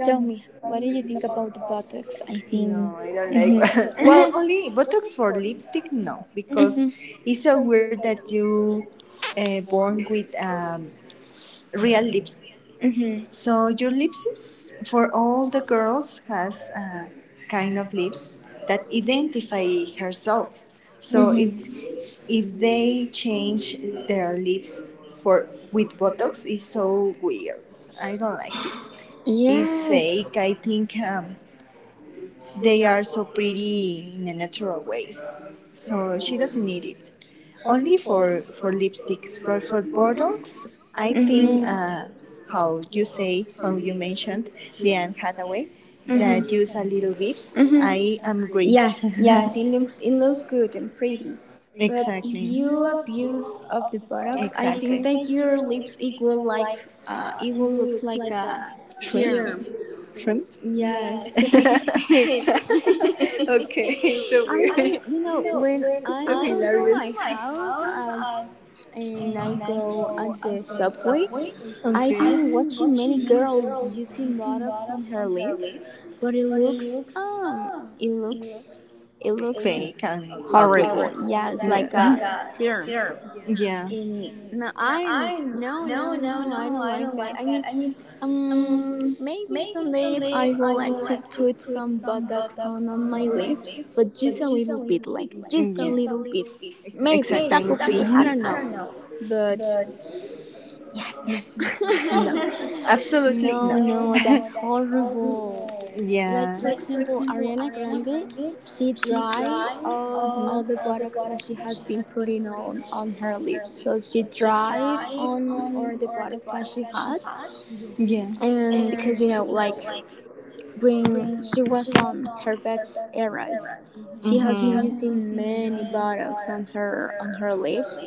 Speaker 2: Tell me, what do you think about the buttocks? I
Speaker 1: No,
Speaker 2: think.
Speaker 1: I don't like.
Speaker 2: Mhm.
Speaker 1: Well,
Speaker 2: Mhm.
Speaker 1: only Botox for lipstick,
Speaker 2: Mhm.
Speaker 1: no, because
Speaker 2: Mhm.
Speaker 1: it's so weird that you born with real lipstick. So your lips is, for all the girls has a kind of lips that identify herself. So
Speaker 2: Mhm.
Speaker 1: if they change their lips for with Botox is so weird. I don't like it. Yeah. It's
Speaker 2: Yes.
Speaker 1: fake. I think they are so pretty in a natural way. So she doesn't need it. Only for lipsticks, but for Botox, I think
Speaker 2: Mm-hmm.
Speaker 1: how you say, how you mentioned, the Anne Hathaway,
Speaker 2: they
Speaker 1: that use a
Speaker 2: Mm-hmm.
Speaker 1: little bit. Mhm.
Speaker 2: Mm-hmm.
Speaker 1: I am agree.
Speaker 2: Yes, yes, it looks it looks good and pretty. But exactly, if
Speaker 1: Exactly.
Speaker 2: you
Speaker 1: That
Speaker 2: abuse of the products, I think
Speaker 1: exactly.
Speaker 2: that your lips it will like it will looks like a serum.
Speaker 1: Shrimp? Shrimp?
Speaker 2: Yes. I
Speaker 1: So I,
Speaker 2: okay.
Speaker 1: weird.
Speaker 2: You know, when I go to
Speaker 1: Hilarious.
Speaker 2: my house, and I go at the subway.
Speaker 1: Okay.
Speaker 2: I've been watching many girls using Botox on her lips, but it looks it looks
Speaker 1: And ugly.
Speaker 2: horrible. Yeah, it's like a serum.
Speaker 1: Yeah.
Speaker 2: And no, I don't like that. I mean, um, maybe someday I would like to put some Botox on my lips, but just a little bit, like
Speaker 1: Mm,
Speaker 2: just a little bit. Maybe that could be. I don't know, but yes, no.
Speaker 1: absolutely.
Speaker 2: No, no, that's horrible. Like
Speaker 1: Yeah.
Speaker 2: for example, Ariana Grande, she dry of all the
Speaker 1: Hmm.
Speaker 2: products that she has been putting on her lips. So she dry on all the products that she had,
Speaker 1: Yeah.
Speaker 2: and because you know, like when she was on her best eras, mm-hmm, she has been using many products on her lips,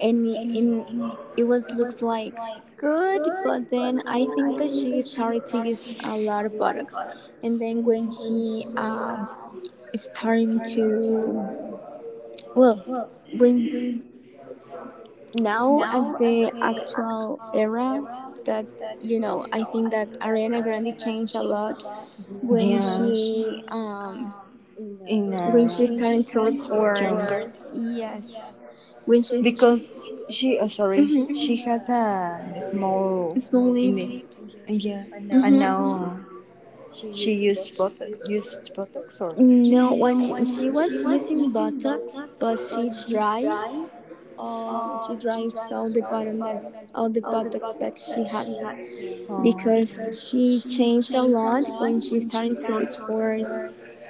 Speaker 2: and I- in it was looks like good, but then I think that she started to use a lot of products, and then when she is starting to, well, when now at the actual era that, you know, I think that Ariana Grande changed a lot when she in
Speaker 1: In
Speaker 2: the when
Speaker 1: a
Speaker 2: she's starting to record. Yes, when she's,
Speaker 1: because she, oh, sorry,
Speaker 2: mhm,
Speaker 1: mm-hmm. She has a
Speaker 2: small,
Speaker 1: small
Speaker 2: small lips.
Speaker 1: yeah, and
Speaker 2: Mhm.
Speaker 1: now mm-hmm. She used botox or
Speaker 2: No, I mean she was using Botox, but she drives, she drives all the button that, all the Botox that she has,
Speaker 1: oh, okay.
Speaker 2: because she changed a lot when she
Speaker 1: Got
Speaker 2: started to record.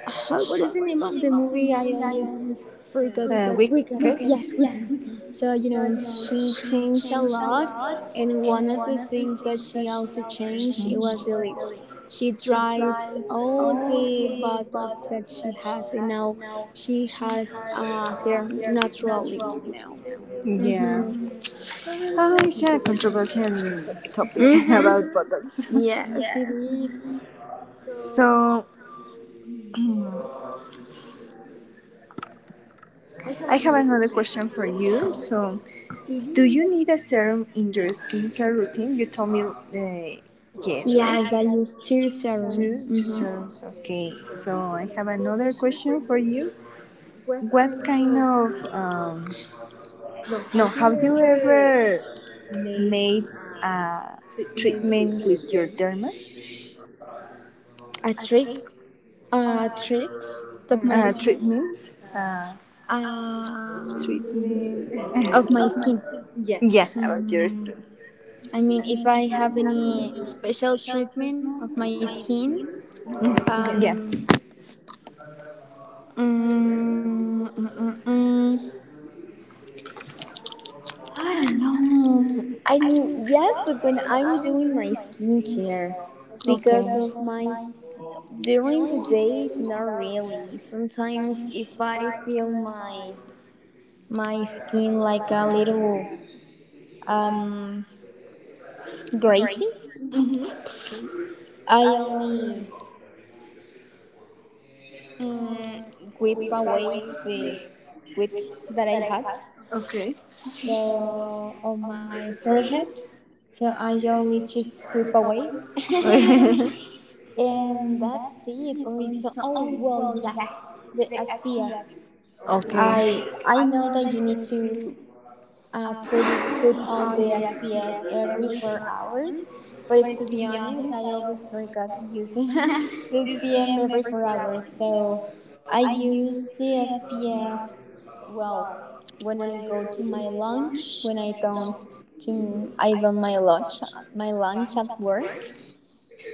Speaker 2: How, what is the name of the movie? I always forgot.
Speaker 1: Uh,
Speaker 2: Weekend. Yes,
Speaker 1: wicked?
Speaker 2: Weekend. So you know, she changed a lot, and one of the things that she also changed it was the lips. She dries all the Botox that she has, and now she has her natural lips now.
Speaker 1: Yeah.
Speaker 2: Mhm.
Speaker 1: Oh, it's a controversial topic
Speaker 2: Mhm.
Speaker 1: about botox.
Speaker 2: Yes, it is.
Speaker 1: So I have another question for you. So, do you need a serum in your skincare routine? You told me yes, right?
Speaker 2: Yes, I use two
Speaker 1: Two,
Speaker 2: serums.
Speaker 1: two
Speaker 2: Hmm.
Speaker 1: serums. Okay, so I have another question for you. What kind of no, have you ever made a treatment with your derma?
Speaker 2: A trick, tricks of my,
Speaker 1: Treatment?
Speaker 2: uh,
Speaker 1: Treatment?
Speaker 2: of my skin.
Speaker 1: Yeah, about your skin.
Speaker 2: I mean, if I have any special treatment of my skin,
Speaker 1: Mm,
Speaker 2: um,
Speaker 1: yeah.
Speaker 2: mm, mm, mm, mm, I don't know. I mean, yes, but when I'm doing my skincare, because of my, during the day, not really. Sometimes if I feel my my skin like a little um greasy,
Speaker 1: Face,
Speaker 2: I only, mm, whip away the sweat that I had.
Speaker 1: okay.
Speaker 2: So on my forehead. So I only just whip away. And that's it. Or is so, oh well yes, the SPF.
Speaker 1: Okay.
Speaker 2: I know that you need to uh, put put on the SPF every 4 hours. But if to be honest, I always forgot using the SPF every 4 hours. So I use the SPF, well, when I go to my lunch, when I don't my lunch at work.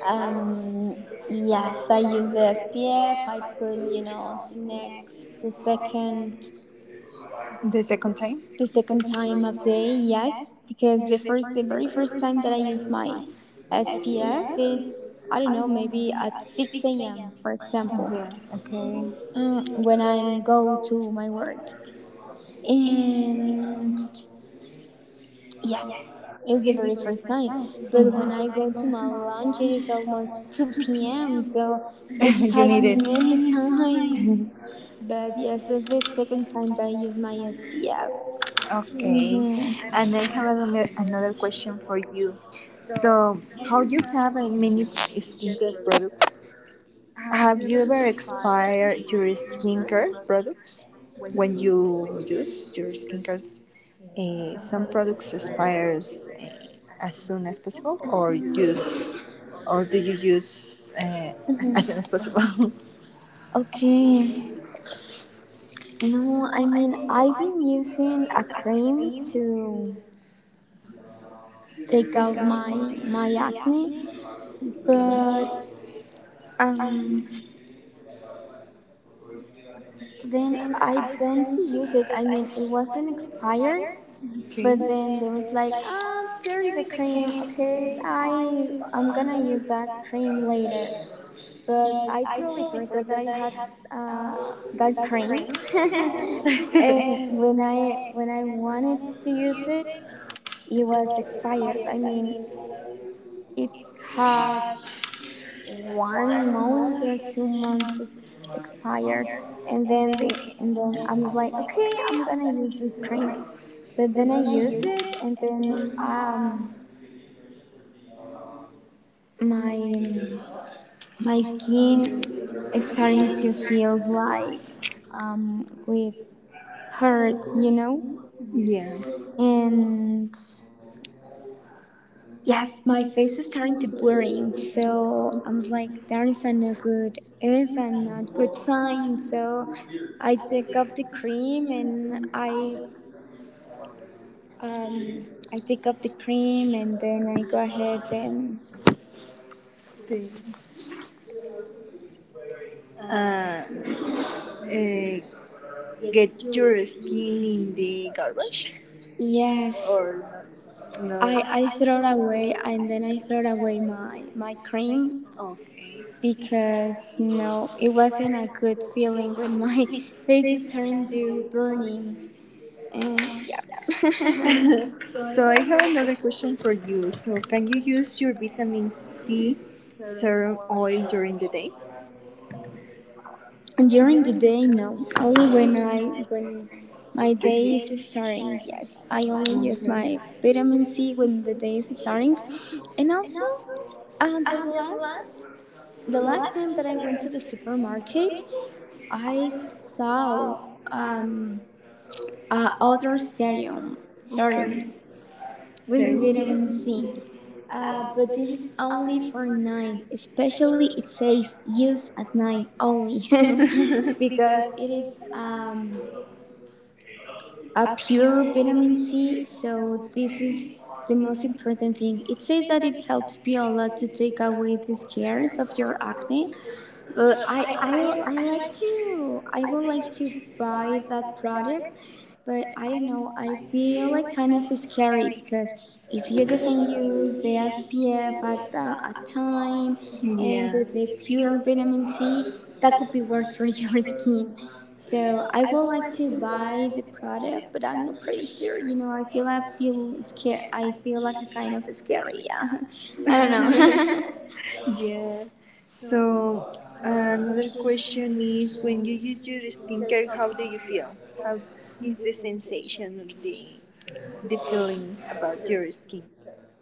Speaker 2: Um, yes, I use the SPF. I put you know the second
Speaker 1: The second time?
Speaker 2: the second time of day, yes, because the very first time that I use my SPF is, I don't know, maybe at 6 a.m., for example,
Speaker 1: Yeah, okay.
Speaker 2: when I go to my work. And yes, it's the very first time. But when I go to my lunch, it is almost 2 p.m., so it's passed
Speaker 1: You.
Speaker 2: many times. But yes, it's the second time that I use my SPF.
Speaker 1: Okay.
Speaker 2: Hmm.
Speaker 1: And I have another, another question for you. So, how you have many skincare products. Have you ever expired your skincare products? When you use your skincare, some products expires as soon as possible, or use, or do you use as soon as possible?
Speaker 2: Okay. No, I mean I've been using a cream to take off my acne, but um then I don't use it. I mean it wasn't expired, but then there
Speaker 1: Okay.
Speaker 2: was like, ah, there is a cream. Okay, I'm gonna use that cream later, but I totally forgot that I had uh that cream and when i when i wanted to use it, it was expired. I mean, it had 1 month or 2 months it's expired, and then the and then I was like, okay, I'm gonna use this cream. But then I use it, and then my my skin is starting to feel like, with hurt, you know,
Speaker 1: Yeah.
Speaker 2: and yes, my face is starting to blurring, so I'm like, there is a no good, it is a not good sign. So I take off the cream and um I take off the cream and then I go ahead and
Speaker 1: They, uh, uh, get your skin in the garbage
Speaker 2: yes,
Speaker 1: or no?
Speaker 2: I throw it away and then I throw away my cream
Speaker 1: Okay.
Speaker 2: because no, it wasn't a good feeling when my face is starting to burning and yeah.
Speaker 1: So I have another question for you. So can you use your vitamin C serum oil during the day?
Speaker 2: During the day, no. Only when my day is starting. Yes, I only use
Speaker 1: Okay.
Speaker 2: my vitamin C when the day is starting, and also uh, the last the last time that I went to the supermarket, I saw other serum
Speaker 1: Okay.
Speaker 2: serum with vitamin
Speaker 1: Serum.
Speaker 2: C. But this is only for night. Especially, it says use at night only, because it is a pure vitamin C. So this is the most important thing. It says that it helps Viola to take away the scares of your acne, but I like to, I would like to buy that product, but I don't know, I feel like kind of scary because if you doesn't use the SPF at the at time and
Speaker 1: Yeah.
Speaker 2: with the pure vitamin C, that could be worse for your skin. So I would like to buy the product, but I'm not pretty sure. You know, I feel scared. I feel like a kind of scary. Yeah, I don't
Speaker 1: Don't
Speaker 2: know.
Speaker 1: know. Yeah. So another question is when you use your skincare, how do you feel? How is the sensation or the feeling about your skincare?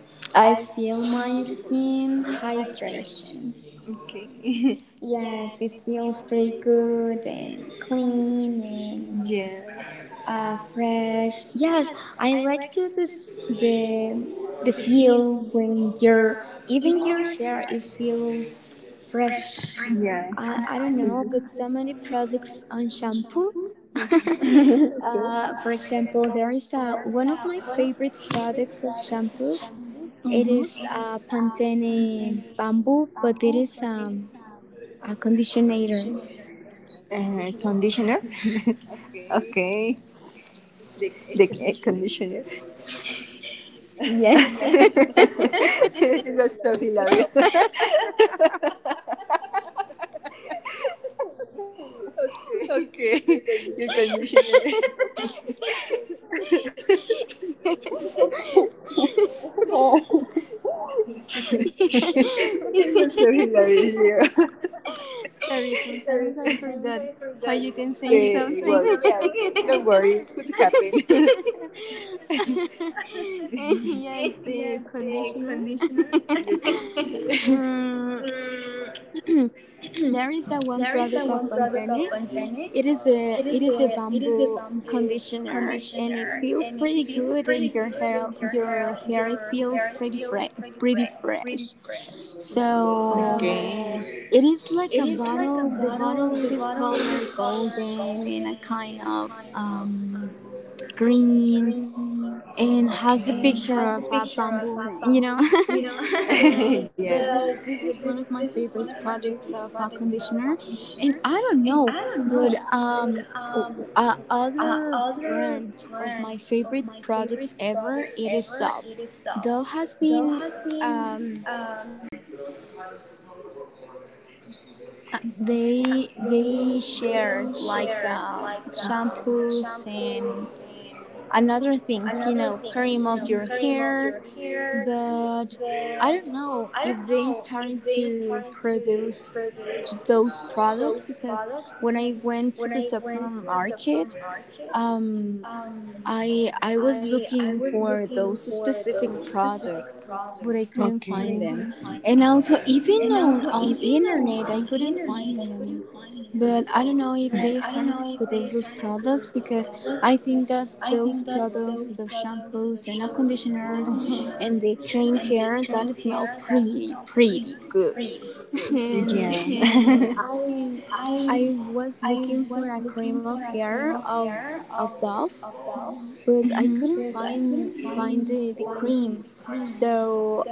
Speaker 2: I feel my skin hydration.
Speaker 1: Okay.
Speaker 2: Yes, it feels pretty good and clean and
Speaker 1: Yeah.
Speaker 2: fresh. Yes, I like to this the feel when you're, even your hair it feels fresh.
Speaker 1: Yeah.
Speaker 2: I don't know, but so many products on shampoo.
Speaker 1: Okay. With
Speaker 2: For example, there is a, one of my favorite products of shampoo. It
Speaker 1: mm-hmm.
Speaker 2: is a Pantene bamboo, but it is a conditioner.
Speaker 1: Conditioner. Okay. The c- conditioner.
Speaker 2: Yes.
Speaker 1: It was so hilarious. Okay. Your conditioner. Oh, it was so hilarious. Yeah,
Speaker 2: Sorry, sometimes I forgot how you can say something.
Speaker 1: yeah worry, it could happen.
Speaker 2: Yes, the conditioner. Mm, there is a one product of Pantene. It is a bamboo conditioner and it feels pretty good and your hair it feels pretty fresh. So it is like a bottle, the bottle it is color golden and a kind of green and
Speaker 1: Okay.
Speaker 2: has a picture of a bamboo, you know. But with this, this is one of my favorite products of a conditioner, and I don't know, but
Speaker 1: I
Speaker 2: o- a other brand of my favorite products ever, it is Dove. Dove has been um. They share like shampoos and another things, you know, cream of your hair, but I don't know if they started to produce those products because when I went to the supermarket, um, I was looking for those specific products, but I
Speaker 1: okay.
Speaker 2: couldn't find them. And also, even on internet, I couldn't find them. But I don't know if they starting to produce those products because I think that those products, those shampoos and conditioners and the cream hair that smell pretty good. And I I was looking for a cream of hair of Dove,
Speaker 1: Mm-hmm.
Speaker 2: but I couldn't find the cream. So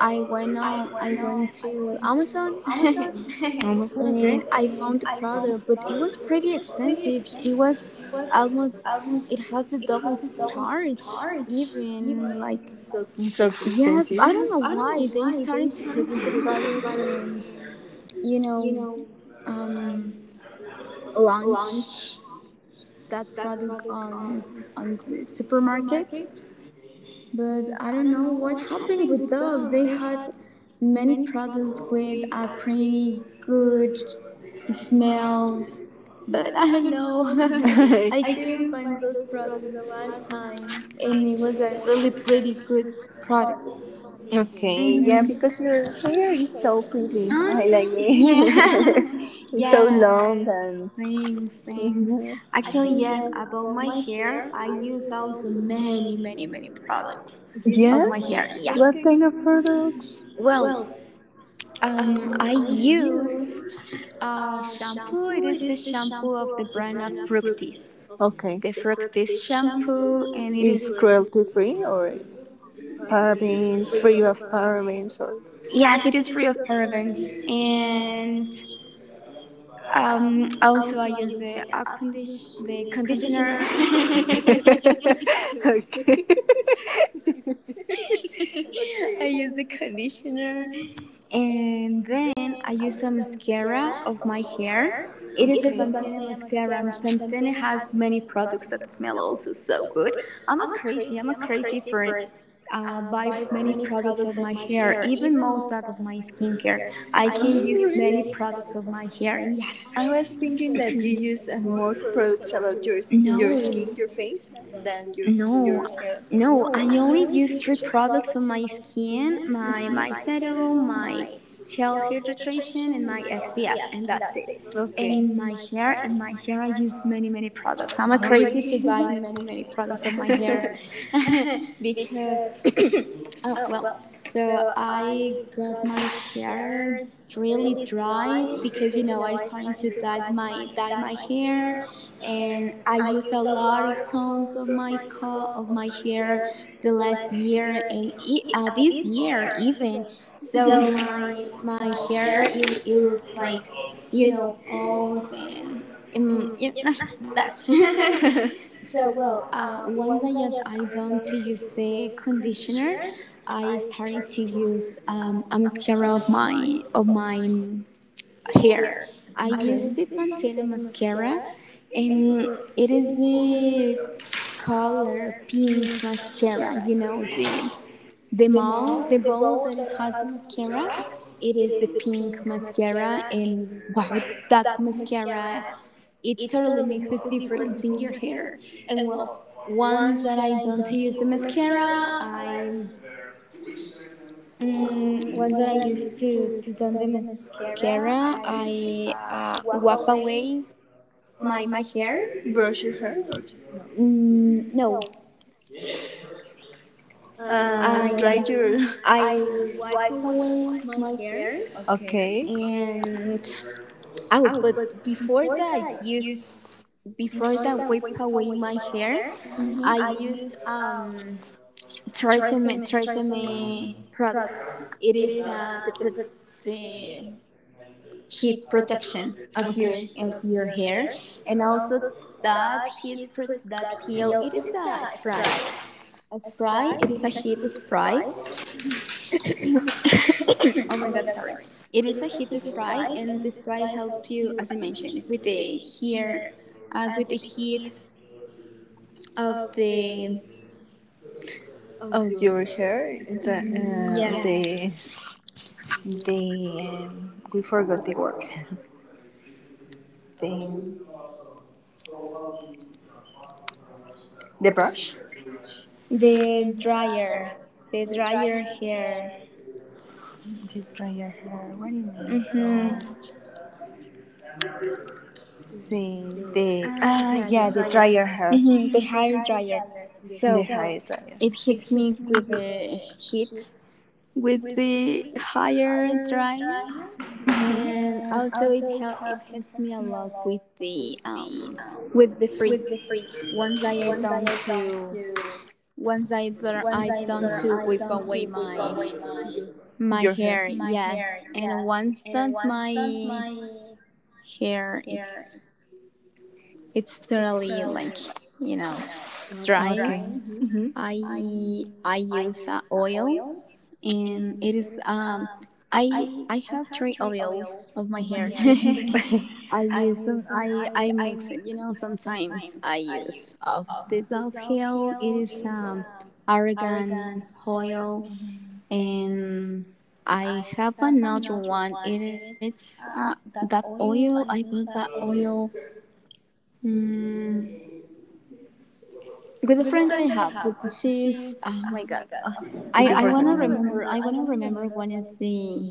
Speaker 2: I went to Amazon
Speaker 1: Amazon, okay.
Speaker 2: and I found the product, but it was pretty expensive. It was almost, it has the double charge even like,
Speaker 1: It's so expensive.
Speaker 2: yes, I don't know why they started to produce the product and you know um launch that product on the supermarket, but I don't know what happened with Dove. They had many products with a pretty good smell, but I don't know. I couldn't find those products the last time, and it was a really pretty good
Speaker 1: I
Speaker 2: products. Okay.
Speaker 1: okay, yeah, because your
Speaker 2: Mm-hmm.
Speaker 1: hair is so pretty.
Speaker 2: Oh,
Speaker 1: I like
Speaker 2: thank
Speaker 1: me.
Speaker 2: you.
Speaker 1: It's so long
Speaker 2: Yes.
Speaker 1: and
Speaker 2: Thanks, thanks. Actually, yes, about my hair, I use also many, many, many products. Yeah. Of
Speaker 1: yeah.
Speaker 2: my hair.
Speaker 1: Oh,
Speaker 2: Yes. What
Speaker 1: what
Speaker 2: kind
Speaker 1: kind
Speaker 2: of
Speaker 1: of
Speaker 2: products?
Speaker 1: products?
Speaker 2: Well, I used a shampoo. It is the shampoo of the brand of Fructis.
Speaker 1: Okay,
Speaker 2: The Fructis shampoo, and it
Speaker 1: is
Speaker 2: is,
Speaker 1: cruelty free or parabens free of parabens or?
Speaker 2: yes, it is free of parabens. And also I use the a condition the conditioner.
Speaker 1: Okay.
Speaker 2: I
Speaker 1: Okay.
Speaker 2: use the conditioner. And then I use a mascara of my hair. It is a Pantene mascara, and Pantene has many products that smell also so good. I'm a crazy for buy many products of my hair, even most out of my skincare. I can use many products of my hair. Yes.
Speaker 1: I was thinking that you use more products about your s- your
Speaker 2: No.
Speaker 1: skin, your face, than
Speaker 2: No,
Speaker 1: your hair.
Speaker 2: no, I only use three products on my skin, my serum, my gel hydration, and my SPF, and that's it. Okay.
Speaker 1: Okay.
Speaker 2: And my hair, in my hair, I use many, many products. I'm a
Speaker 1: Oh,
Speaker 2: crazy
Speaker 1: really?
Speaker 2: to buy many, many products of my hair. because Oh, well, so I got my hair really dry because you know I started to dye my hair, and I used a lot of tones of of my hair the last year and this year even, so my hair , it looks like you know old and yeah, that so well, once I get, I don't to use the conditioner, I started to use a mascara of my hair. I use the
Speaker 1: Okay.
Speaker 2: Pantene mascara, and it is a color pink mascara. You know the ball, the ball that it has the mascara. It is the pink mascara, and wow, that mascara, it totally makes a difference in your hair. And well, once that I don't use the mascara, I ones that I used to don the mascara, I wipe away my hair.
Speaker 1: Brush your hair or no?
Speaker 2: Mm, no, yes,
Speaker 1: Dry your.
Speaker 2: I wipe away my hair,
Speaker 1: Okay.
Speaker 2: and oh, but before that, use, before that wipe away my hair, I use Tresemme product. It is the the heat protection
Speaker 1: Okay.
Speaker 2: of your hair, and also that that heal, it is a spray, a spray, it is a heat spray. Oh my god, sorry, it is a heat spray, and the spray helps you, as you mentioned, with the hair, with the heat of the,
Speaker 1: Oh, your hair. And dry-
Speaker 2: yes,
Speaker 1: the the we forgot the word. The the brush.
Speaker 2: the dryer, the dryer hair.
Speaker 1: They dryer hair. What do you mean? So
Speaker 2: Hmm.
Speaker 1: see they ah yeah they dryer hair.
Speaker 2: Hmm, the hair dryer. So
Speaker 1: The
Speaker 2: it hits me with the heat, with the higher dryer, and
Speaker 1: mm-hmm.
Speaker 2: also it it hits me a lot with the freeze. Once I I done to Once I I done to whip away my
Speaker 1: Your hair.
Speaker 2: my hair, yes, and once that my hair it's totally like you know
Speaker 1: Ah,
Speaker 2: dry.
Speaker 1: mhm.
Speaker 2: I I use oil, and it is I have three oils of my hair. I use some, I mix it, you know, sometimes I use of the Dove oil. It is argan oil, and I have another one. It is that oil. I bought that oil, mm, with a friend that I have, but she's, oh my god. I wanna remember. I wanna remember when is the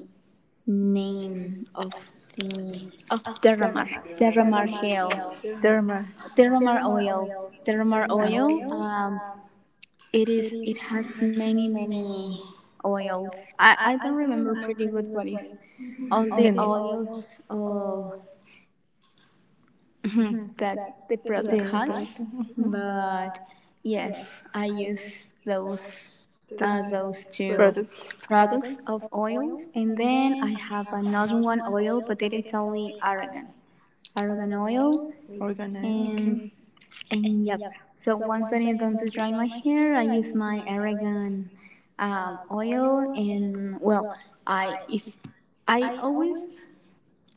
Speaker 2: name of the of Deramar, Deramar Hill,
Speaker 1: Derma.
Speaker 2: Deramar Oil, Deramar Oil. It is, it has many many oils. I don't remember pretty good what is all the oils, oh, that the product
Speaker 1: Product,
Speaker 2: has, but yes, I use those two
Speaker 1: products,
Speaker 2: products of oils. And then I have another one oil, but it is only argan, argan oil,
Speaker 1: organ
Speaker 2: and and yep. So once I am done to dry my hair, I use my argan oil, and well, I if I always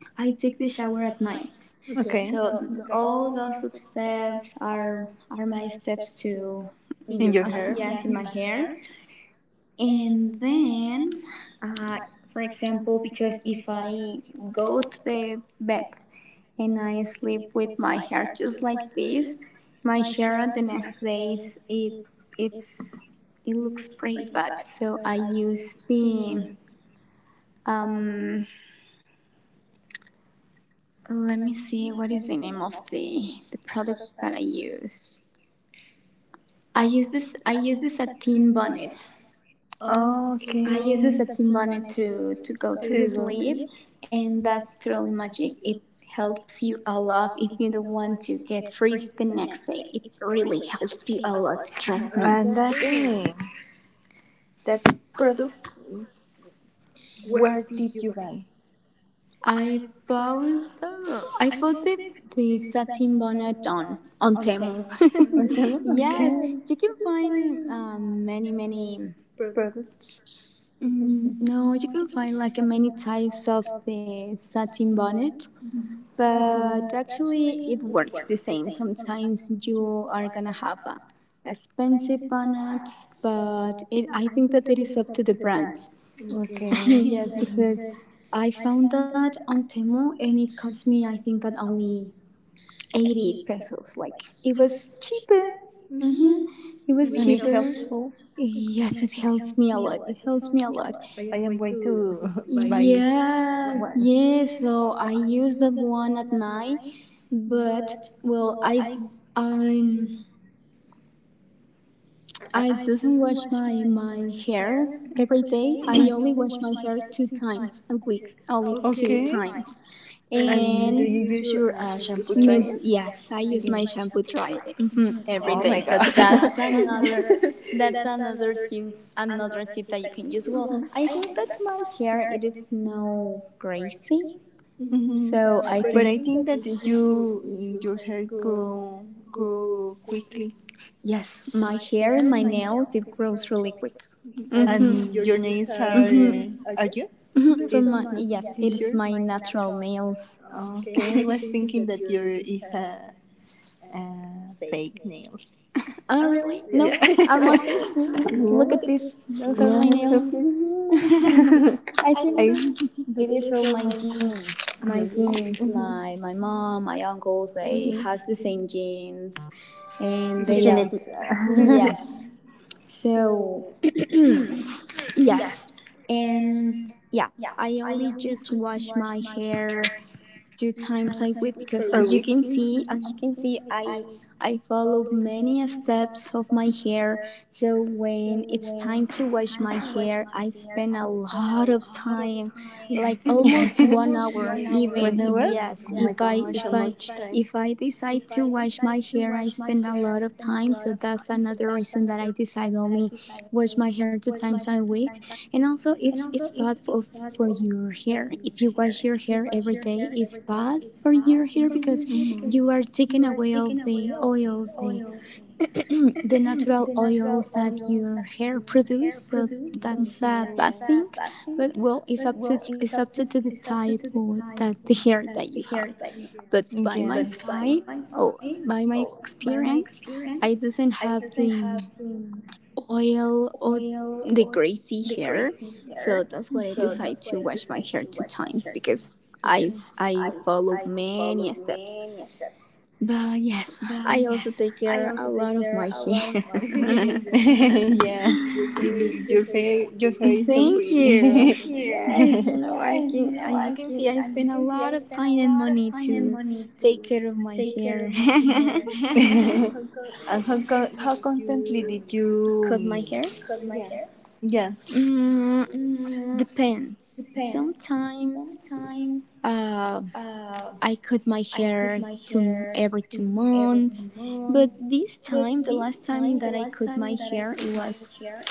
Speaker 2: I take the shower at night.
Speaker 1: okay,
Speaker 2: So all those steps are my steps to,
Speaker 1: in your my
Speaker 2: uh,
Speaker 1: hair,
Speaker 2: yes, in my hair, and then, for example, because if I go to the back and I sleep with my hair just like this, my hair the next days, it it's, it looks pretty bad, so I use the um let me see what is the name of the product that I use. I use this I use the satin bonnet.
Speaker 1: I
Speaker 2: I use the
Speaker 1: use the okay.
Speaker 2: setting bonnet to go to the sleep, and that's totally magic. It helps you a lot if you don't want to get freeze the next day. It really helps you a lot, trust me.
Speaker 1: And that that product. Where did you buy?
Speaker 2: I bought I bought the satin bonnet on Temu.
Speaker 1: On Temu?
Speaker 2: Yes, you can find many many.
Speaker 1: Products?
Speaker 2: Mm, no, you can find like many types of the satin bonnet, but actually it works the same. Sometimes you are gonna have a expensive bonnets, but it, I think that it is up to the brand.
Speaker 1: Okay.
Speaker 2: Yes, because I found that on Temu, and it cost me, I think, that only 80 pesos. Like it was cheaper. Mhm.
Speaker 1: Mm-hmm. It
Speaker 2: It was, and it cheaper, helps, yes, it helps me a lot. It helps me a lot.
Speaker 1: I am going to
Speaker 2: Like, yes, yes. So I use that one at night, but well, i I
Speaker 1: I
Speaker 2: doesn't wash my hair every day. I only wash my hair two times a week, only two times. And
Speaker 1: use your shampoo.
Speaker 2: mid- yes, I use my shampoo dry, mhm, oh every my
Speaker 1: Oh
Speaker 2: day.
Speaker 1: my
Speaker 2: So god,
Speaker 1: god.
Speaker 2: that's another, that's another tip, another tip that you can use. Well, I think that my hair it is no
Speaker 1: No
Speaker 2: greasy.
Speaker 1: hmm.
Speaker 2: So I
Speaker 1: But
Speaker 2: think
Speaker 1: I think that you your hair grow grow quickly
Speaker 2: yes, my hair and my nails, it grows really quick.
Speaker 1: and
Speaker 2: Mm-hmm.
Speaker 1: mm-hmm. Your nails are
Speaker 2: Mm-hmm.
Speaker 1: mm-hmm. Are you?
Speaker 2: Mm-hmm. So
Speaker 1: It-
Speaker 2: my,
Speaker 1: not.
Speaker 2: yes, it
Speaker 1: Is
Speaker 2: is
Speaker 1: yours?
Speaker 2: my natural nails.
Speaker 1: Okay, I was thinking that your is a fake nails.
Speaker 2: Oh really? Yeah. No,
Speaker 1: Yeah.
Speaker 2: are my face nails? Yeah. Look at this. Those are my nails. I think that there is all my genes, my my mom, my uncles. They has the same genes, and they
Speaker 1: Genetic.
Speaker 2: also yes. So yes, and yeah, I only just wash my hair two times. I quit because, as you can see, as you can see, I follow many steps of my hair. So when it's time to wash my hair, I spend a lot of time, yeah, like almost 1 hour even. Yes, if I decide to wash my hair, I spend a lot of time. So that's another reason that I decide only wash my hair two times a week. And also, it's bad for your hair. If you wash your hair every day, it's bad for your hair because you are taking away all the oils, the natural oils that your hair produce. So that's a bad thing. But well, it's up to, to the type or that the hair that you have.
Speaker 1: Yeah.
Speaker 2: But by my side, oh, by my experience, I doesn't have the oil or the greasy hair. So that's why I decided to wash my hair two times because I, I follow many steps. But yes, I also take care a lot of my hair.
Speaker 1: yeah.
Speaker 2: Your
Speaker 1: You
Speaker 2: hair
Speaker 1: look,
Speaker 2: is so
Speaker 1: your hair
Speaker 2: beautiful.
Speaker 1: is so
Speaker 2: Thank
Speaker 1: pretty.
Speaker 2: you.
Speaker 1: Thank.
Speaker 2: Yes, you know, I can, as you can see, I spend a lot of time and money to take care of my hair.
Speaker 1: and how co- how constantly did you um,
Speaker 2: Cut my hair?
Speaker 1: yeah
Speaker 2: Mm, depends. Sometimes uh I cut my hair two, every 2 months, but this time, the last time that I cut my hair, it was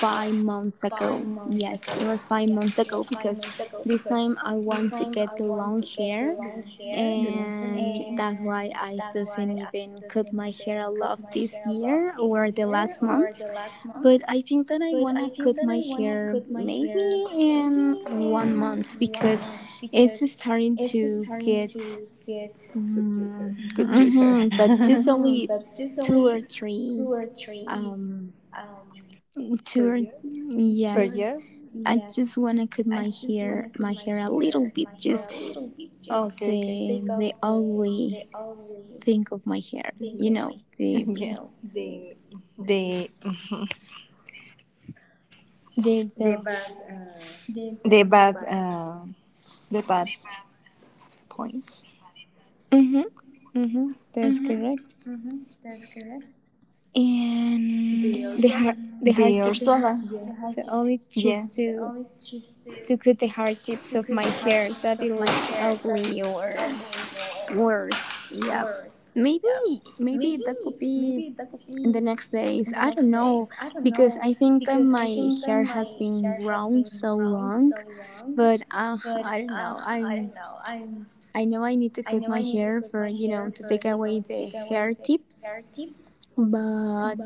Speaker 2: 5 months ago. Yes, it was 5 months ago because this time I want to get the long
Speaker 1: long
Speaker 2: hair,
Speaker 1: hair.
Speaker 2: and that's why I doesn't even cut my hair a lot this year or the last months. But I think that I wanna cut my hair maybe in 1 month because it's starting to get,
Speaker 1: Good to her.
Speaker 2: mm, mm-hmm. But just only two or three. Um,
Speaker 1: Per.
Speaker 2: two or, yes, I just wanna cut my hair a little bit, just
Speaker 1: Okay, okay.
Speaker 2: to take off the ugly thing of my hair. You know
Speaker 1: The
Speaker 2: the the.
Speaker 1: the bad uh, the bad points.
Speaker 2: Mm-hmm. Uh hmm, that's correct. And the hard
Speaker 1: The
Speaker 2: tips.
Speaker 1: high,
Speaker 2: So only just
Speaker 1: yeah.
Speaker 2: to cut the hard tips of my hair that it looks ugly or worse. Yeah. Maybe maybe that could be in the next days. I don't know because I think that my hair has been grown so long, but I don't know. I'm, I know I need to cut my hair for, you know, to take away the hair tips, but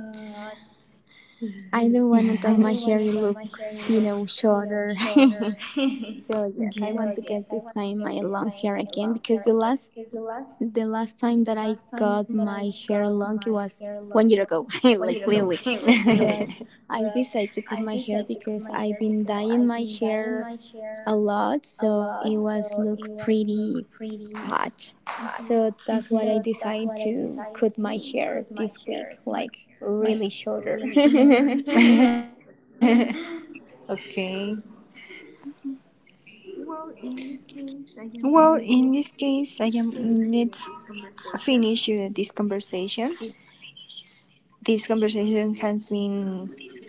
Speaker 2: I don't
Speaker 1: I
Speaker 2: want that my hair looks you know shorter. So
Speaker 1: yeah.
Speaker 2: yes, I want to get this time my long hair again because the last time that I got my hair long, it was 1 year ago, like literally. But I decided to cut my hair because I've been dyeing my hair a lot, so it was look pretty patch. So that's why I decided to cut my hair this week,
Speaker 1: Yes.
Speaker 2: like really shorter. A
Speaker 1: Okay. Well, in this case, I am. Let's finish this conversation. This conversation has been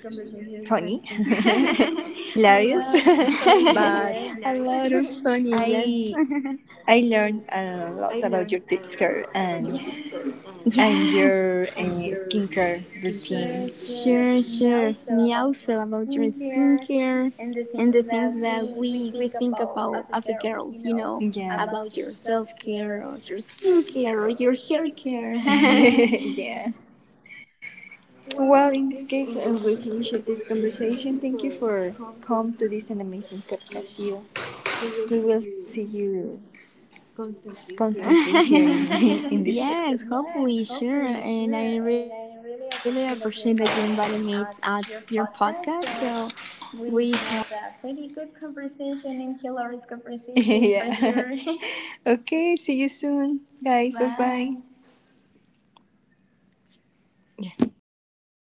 Speaker 1: funny,
Speaker 2: lot of funny, yes.
Speaker 1: hilarious, but I I learned a lot about your tips here
Speaker 2: Yes,
Speaker 1: and yes. And your
Speaker 2: sure,
Speaker 1: skincare
Speaker 2: sure.
Speaker 1: routine.
Speaker 2: Me also about your skincare and the things that we think about as a girls, you know, about your self care or your
Speaker 1: Yeah.
Speaker 2: skincare or your hair care.
Speaker 1: yeah. Well, in this case, we finish this conversation. Thank you for come to this an amazing podcast. You, we will see you constantly here in, in
Speaker 2: Yes,
Speaker 1: this
Speaker 2: hopefully, sure.
Speaker 1: podcast.
Speaker 2: And I really appreciate that you invited me at your podcast. So we had a pretty good conversation in Hillary's conversation, yeah, for sure.
Speaker 1: Okay, see you soon,
Speaker 2: Bye.
Speaker 1: guys. Yeah. Oh,